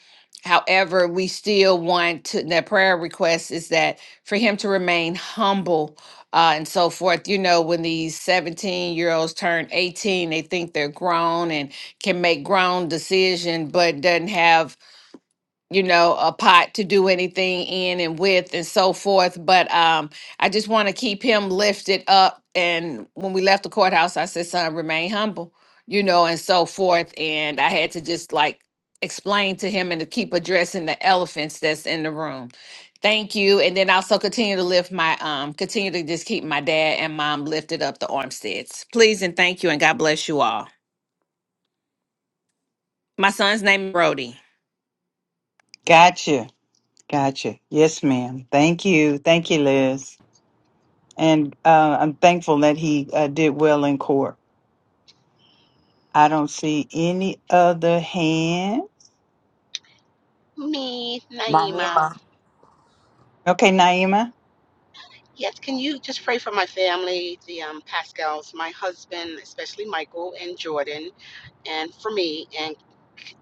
Speaker 17: However, we still want to, the prayer request is that for him to remain humble uh, and so forth. You know, when these 17 year olds turn 18, they think they're grown and can make grown decision, but doesn't have you know, a pot to do anything in and with and so forth. But um, I just want to keep him lifted up. And when we left the courthouse, I said, son, remain humble, you know, and so forth. And I had to just like explain to him and to keep addressing the elephants that's in the room. Thank you. And then also continue to lift my, um, continue to just keep my dad and mom lifted up the Armsteads. Please and thank you. And God bless you all. My son's name is Brody.
Speaker 1: Gotcha. Gotcha. Yes, ma'am. Thank you. Thank you, Liz. And uh, I'm thankful that he uh, did well in court. I don't see any other hand.
Speaker 8: me, Naima.
Speaker 11: Naima,
Speaker 1: Okay, Naima.
Speaker 8: Yes, can you just pray for my family, the um, Pascals, my husband, especially Michael and Jordan, and for me, and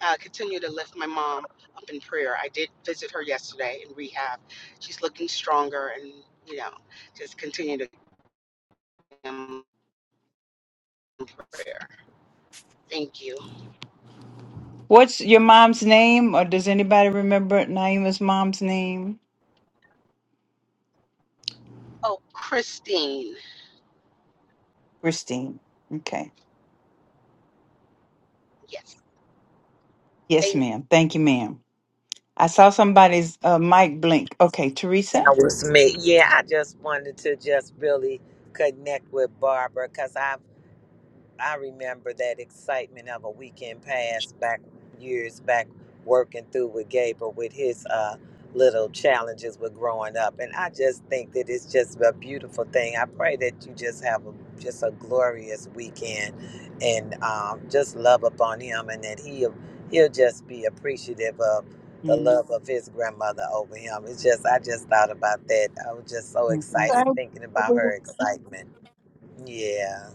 Speaker 8: uh, continue to lift my mom up in prayer. I did visit her yesterday in rehab. She's looking stronger, and you know, just continue to um, prayer. Thank you.
Speaker 1: What's your mom's name, or does anybody remember Naima's mom's name?
Speaker 8: Oh, Christine.
Speaker 1: Christine. Okay.
Speaker 8: Yes,
Speaker 1: Yes,
Speaker 8: thank
Speaker 1: ma'am. Thank you, ma'am. I saw somebody's uh, mic blink. Okay, Teresa.
Speaker 16: That was me. Yeah, I just wanted to just really connect with Barbara because I remember that excitement of a weekend pass back years back working through with Gabriel with his uh, little challenges with growing up. And I just think that it's just a beautiful thing. I pray that you just have a, just a glorious weekend and um, just love upon him and that he'll, he'll just be appreciative of the
Speaker 1: Mm,
Speaker 16: love of his grandmother over him. It's just, I just thought about that. I was just so
Speaker 1: mm, mm.
Speaker 16: excited
Speaker 15: Thank
Speaker 16: thinking about her
Speaker 15: you.
Speaker 16: excitement. Yeah,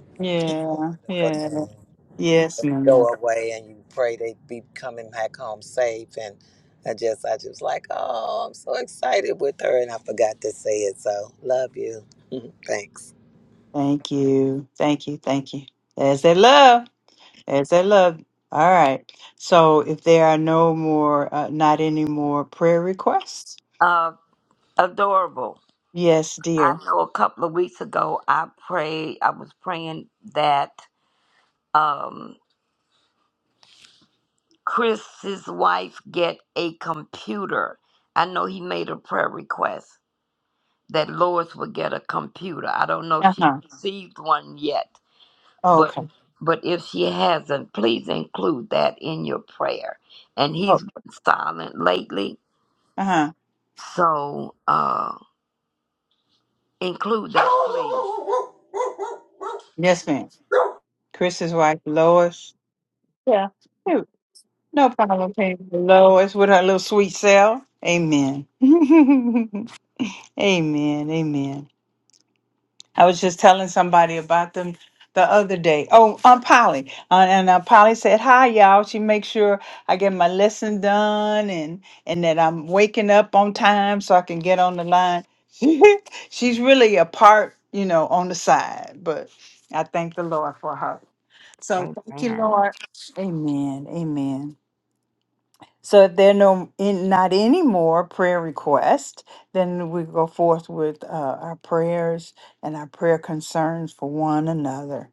Speaker 16: it's a
Speaker 1: Yeah.
Speaker 16: wonderful
Speaker 1: Yeah.
Speaker 16: thing
Speaker 1: Yes, ma'am.
Speaker 16: go away and you pray they be coming back home safe and I just I just like, oh, I'm so excited with her and I forgot to say it. So love you. Thanks.
Speaker 1: Thank you. Thank you. Thank you. There's that love. There's that love. All right. So if there are no more, uh, not any more prayer requests.
Speaker 11: uh, adorable.
Speaker 1: Yes,
Speaker 11: I
Speaker 1: dear.
Speaker 11: know a couple of weeks ago I prayed, I was praying that um, Chris's wife get a computer. I know he made a prayer request that Lois would get a computer. I don't know if
Speaker 1: Uh
Speaker 11: she
Speaker 1: huh.
Speaker 11: received one yet,
Speaker 1: Oh,
Speaker 11: but
Speaker 1: okay.
Speaker 11: but if she hasn't, please include that in your prayer. And he's
Speaker 1: Oh.
Speaker 11: been silent lately,
Speaker 1: Uh huh.
Speaker 11: so uh, include that, please.
Speaker 1: Yes, ma'am. Chris's wife, Lois. Yeah. Hey, No problem. Okay. Lois with her little sweet self. Amen. amen. Amen. I was just telling somebody about them the other day. Oh, um, Polly, uh, and uh, Polly said hi, y'all. She makes sure I get my lesson done and and that I'm waking up on time so I can get on the line. She's really a part, you know, on the side. But I thank the Lord for her. So thank you,
Speaker 11: Amen.
Speaker 1: Lord. Amen. Amen. So if there are no in, not any more prayer requests, then we go forth with uh, our prayers and our prayer concerns for one another.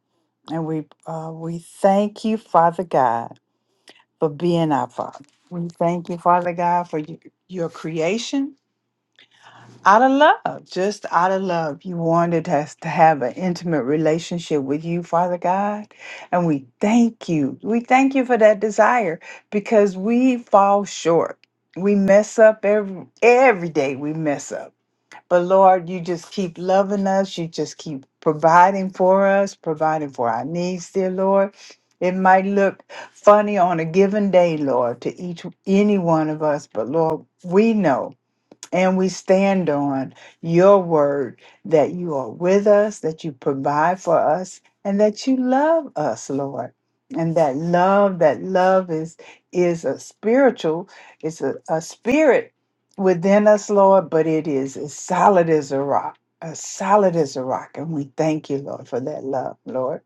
Speaker 1: And we uh, we thank you, Father God, for being our Father. We thank you, Father God, for y- your creation out of love, just out of love. You wanted us to have an intimate relationship with you, Father God. And we thank you. We thank you for that desire because we fall short. We mess up every every day we mess up. But Lord, you just keep loving us. You just keep providing for us, providing for our needs, dear Lord. It might look funny on a given day, Lord, to each any one of us, but Lord, we know. And we stand on your word that you are with us, that you provide for us, and that you love us, Lord. And that love, that love is is a spiritual, it's a, a spirit within us, Lord, but it is as solid as a rock, as solid as a rock. And we thank you, Lord, for that love, Lord.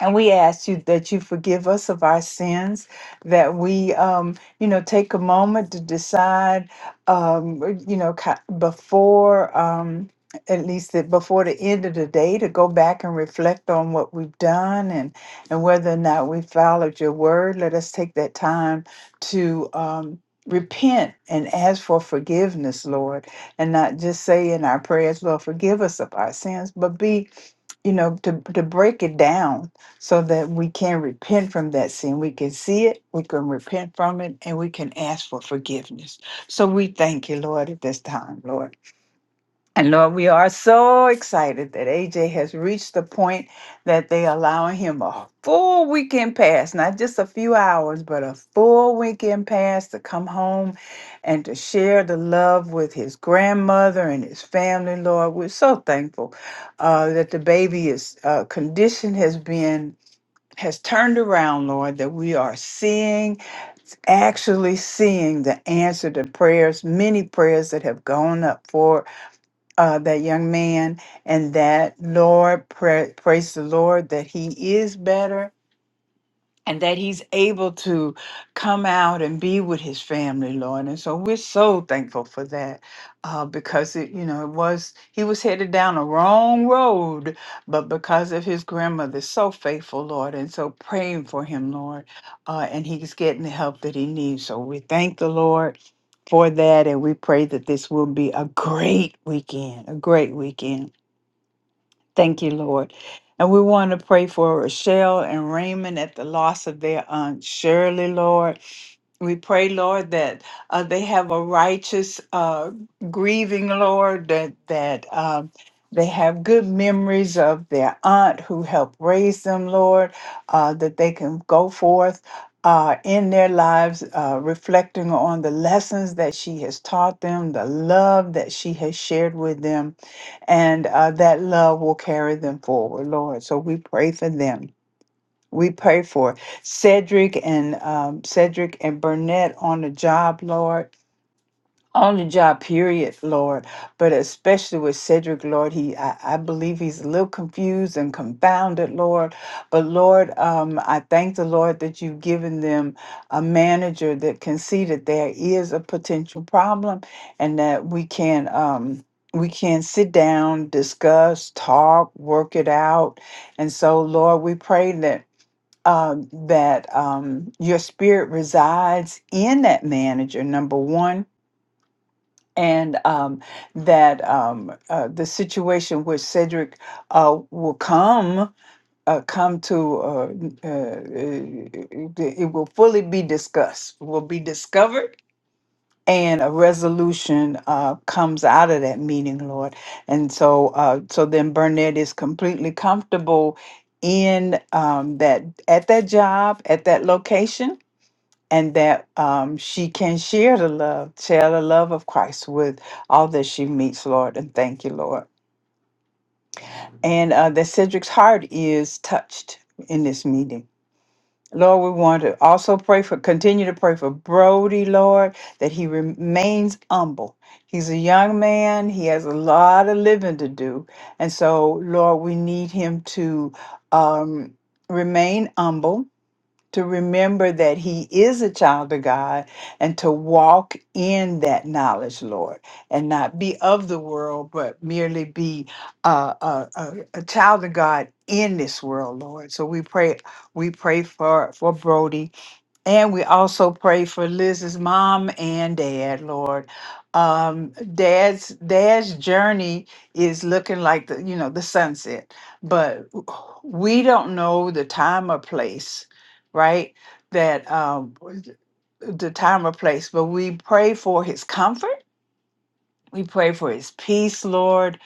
Speaker 1: And we ask you that you forgive us of our sins, that we, um, you know, take a moment to decide, um, you know, ki- before, um, at least that before the end of the day, to go back and reflect on what we've done and and whether or not we followed your word. Let us take that time to. Um, Repent and ask for forgiveness, Lord, and not just say in our prayers, Lord, forgive us of our sins, but be you know to to break it down so that we can repent from that sin we can see it we can repent from it and we can ask for forgiveness so we thank you lord at this time lord and Lord, we are so excited that AJ has reached the point that they allowing him a full weekend pass, not just a few hours, but a full weekend pass to come home and to share the love with his grandmother and his family. Lord, we're so thankful uh, that the baby is uh, condition has been has turned around, Lord, that we are seeing, actually seeing the answer to prayers, many prayers that have gone up for uh, that young man and that Lord, pra- praise the Lord that he is better and that he's able to come out and be with his family, Lord. And so we're so thankful for that uh, because it, you know, it was, he was headed down a wrong road, but because of his grandmother, so faithful, Lord. And so praying for him, Lord. Uh, and he's getting the help that he needs. So we thank the Lord for that. And we pray that this will be a great weekend, a great weekend. Thank you, Lord. And we want to pray for Rochelle and Raymond at the loss of their aunt Shirley, Lord. We pray, Lord, that uh, they have a righteous uh, grieving, Lord, that that um, they have good memories of their aunt who helped raise them, Lord, uh, that they can go forth uh, in their lives, uh, reflecting on the lessons that she has taught them, the love that she has shared with them, and uh, that love will carry them forward, Lord. So we pray for them. We pray for Cedric and um, Cedric and Burnett on the job, Lord, on the job, period, Lord. But especially with Cedric, Lord, he I, I believe he's a little confused and confounded, Lord. But Lord, um, I thank the Lord that you've given them a manager that can see that there is a potential problem and that we can um we can sit down, discuss, talk, work it out. And so, Lord, we pray that um, that um, your spirit resides in that manager, number one, and um, that um, uh, the situation where Cedric uh, will come. Uh, come to uh, n- uh, uh, it it will fully be discussed will be discovered and a resolution uh, comes out of that meeting, Lord. And so, uh, so then Burnett is completely comfortable in um, that at that job at that location. And that um, she can share the love, share the love of Christ with all that she meets, Lord. And thank you, Lord. And uh, that Cedric's heart is touched in this meeting Lord, we want to also pray for, continue to pray for Brody, Lord, that he remains humble. He's a young man, he has a lot of living to do. And so, Lord, we need him to um, remain humble to remember that he is a child of God and to walk in that knowledge, Lord, and not be of the world, but merely be uh, a, a, a child of God in this world, Lord. So we pray, we pray for for Brody, and we also pray for Liz's mom and dad, Lord. Um, dad's dad's journey is looking like the you know the sunset, but we don't know the time or place right? That um, the time or place, but we pray for his comfort. We pray for his peace, Lord.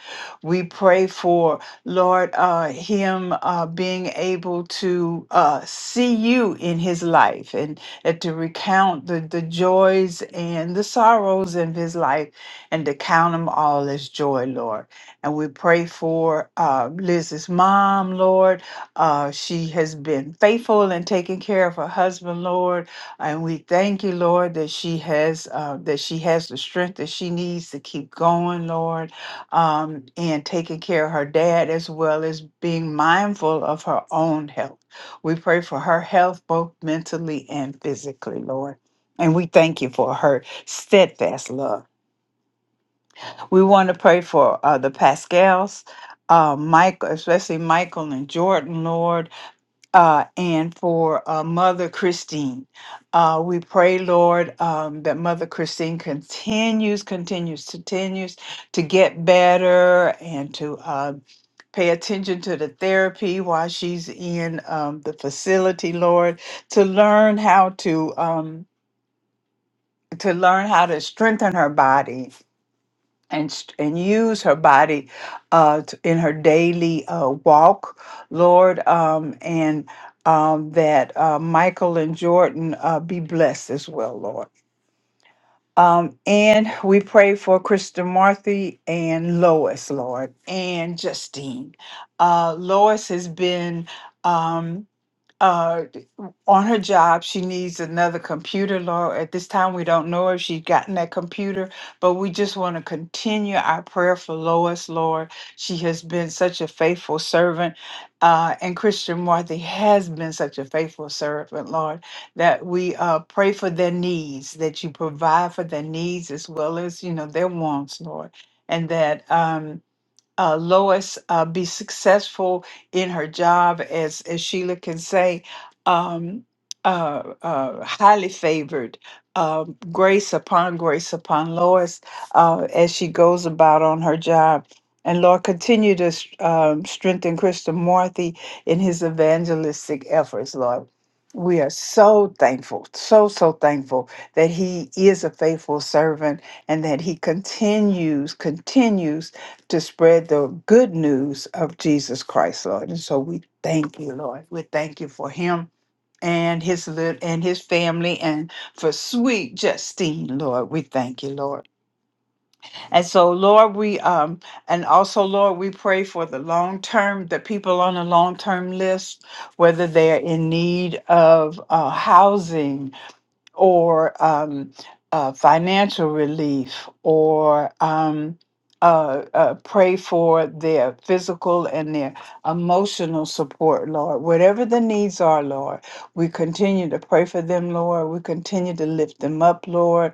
Speaker 1: We pray for, Lord, uh, him uh, being able to uh, see you in his life and, and to recount the, the joys and the sorrows of his life and to count them all as joy, Lord. And we pray for uh, Liz's mom, Lord. Uh, she has been faithful in taking care of her husband, Lord and we thank you, Lord, that she has uh, that she has the strength that she needs to keep going, Lord, um, and taking care of her dad as well as being mindful of her own health. We pray for her health, both mentally and physically, Lord. And we thank you for her steadfast love. We want to pray for uh, the Pascals, uh, Michael, especially Michael and Jordan, Lord uh, and for uh, Mother Christine. Uh, we pray, Lord, um, that Mother Christine continues, continues, continues to get better and to uh, pay attention to the therapy while she's in um, the facility, Lord, to learn how to. Um, to learn how to strengthen her body and st- and use her body uh t- in her daily uh walk lord um and um that uh michael and jordan uh be blessed as well lord um and we pray for krista marthy and lois lord and justine uh lois has been um uh, on her job, she needs another computer. Lord, at this time, we don't know if she's gotten that computer, but we just want to continue our prayer for Lois, Lord. She has been such a faithful servant, uh, and Christian Marthy has been such a faithful servant, Lord, that we uh, pray for their needs, that you provide for their needs as well as, you know, their wants, Lord, and that. Um, uh, Lois uh, be successful in her job, as, as Sheila can say, um, uh, uh, highly favored, uh, grace upon grace upon Lois uh, as she goes about on her job. And Lord, continue to s- um, strengthen Christian Marthy in his evangelistic efforts, Lord. We are so thankful, so, so thankful that he is a faithful servant and that he continues, continues to spread the good news of Jesus Christ, Lord. And so we thank you, Lord. We thank you for him and his lit- and his family and for sweet Justine, Lord. We thank you, Lord. And so, Lord, we um and also, Lord, we pray for the long term, the people on the long term list, whether they are in need of uh, housing or um, uh, financial relief or um, uh, uh, pray for their physical and their emotional support, Lord. Whatever the needs are, Lord, we continue to pray for them, Lord. We continue to lift them up, Lord,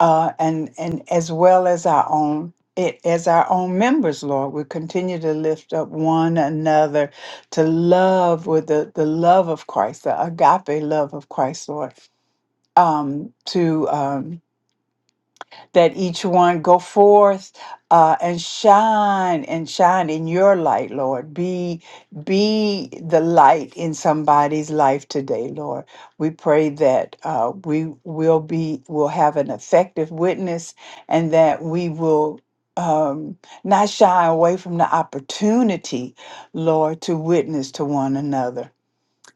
Speaker 1: uh, and and as well as our own. It, as our own members, Lord, we continue to lift up one another to love with the, the love of Christ, the agape love of Christ, Lord um, to um, that each one go forth uh, and shine and shine in your light, Lord. Be be the light in somebody's life today, Lord. We pray that uh, we will be will have an effective witness, and that we will. Um, not shy away from the opportunity, Lord, to witness to one another.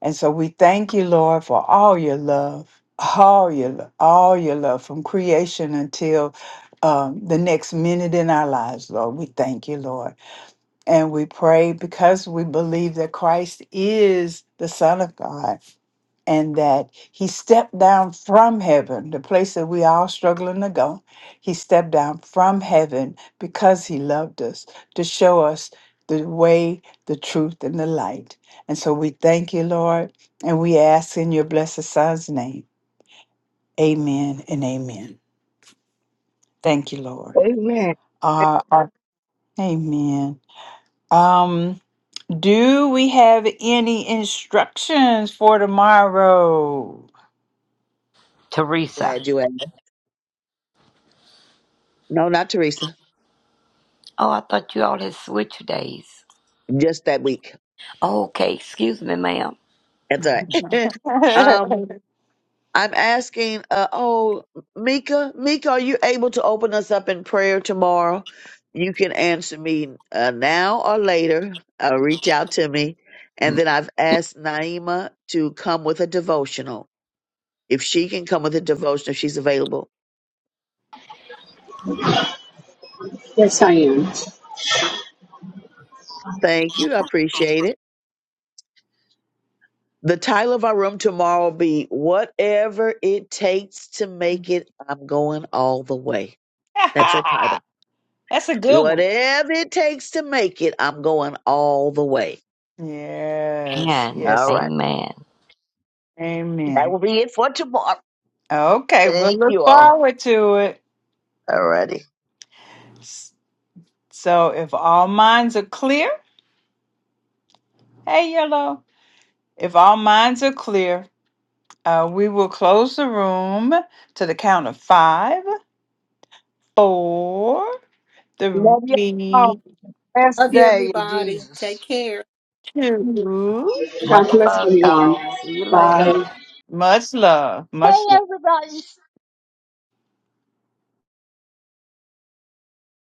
Speaker 1: And so we thank you, Lord, for all your love, all your all your love from creation until um, the next minute in our lives, Lord. We thank you, Lord. And we pray because we believe that Christ is the Son of God and that he stepped down from heaven, the place that we all struggling to go. He stepped down from heaven because he loved us to show us the way, the truth, and the light. And so we thank you, Lord, and we ask in your blessed son's name. Amen and amen. Thank you, Lord.
Speaker 15: Amen.
Speaker 1: Uh, uh, amen. Um, Do we have any instructions for tomorrow?
Speaker 11: Teresa.
Speaker 6: Glad you asked. No, not Teresa.
Speaker 11: Oh, I thought you all had switch days.
Speaker 6: Just that week.
Speaker 11: Oh, okay, excuse me, ma'am.
Speaker 6: That's all right. um, I'm asking, uh, oh, Mika, Mika, are you able to open us up in prayer tomorrow? You can answer me uh, now or later. Uh, reach out to me. And then I've asked Naima to come with a devotional. If she can come with a devotional, if she's available. Thank you. I appreciate it. The title of our room tomorrow will be Whatever It Takes to Make
Speaker 1: That's
Speaker 6: It, I'm Going All the Way. That's our title.
Speaker 1: a good one.
Speaker 6: Whatever it takes to make it, I'm going all the way.
Speaker 1: Yes,
Speaker 11: Amen.
Speaker 6: All
Speaker 1: yes.
Speaker 6: right.
Speaker 11: Amen.
Speaker 6: That
Speaker 1: Amen.
Speaker 6: will be it for tomorrow.
Speaker 1: Okay, we'll
Speaker 6: Thank
Speaker 1: look
Speaker 6: you all.
Speaker 1: forward to it.
Speaker 6: All righty.
Speaker 1: S- So, if all minds are clear, hey, yellow, if all minds are clear, uh, we will close the room to the count of five, four,
Speaker 15: Love you
Speaker 1: three,
Speaker 15: all.
Speaker 1: two.
Speaker 15: Best
Speaker 4: Love you,
Speaker 15: day in
Speaker 4: everybody.
Speaker 15: Jesus.
Speaker 4: Take care.
Speaker 8: you. God
Speaker 11: Much
Speaker 8: bless
Speaker 11: love,
Speaker 8: everyone.
Speaker 11: y'all. See you
Speaker 8: Bye.
Speaker 11: later.
Speaker 1: Much love.
Speaker 18: Hey
Speaker 1: Much love.
Speaker 18: everybody!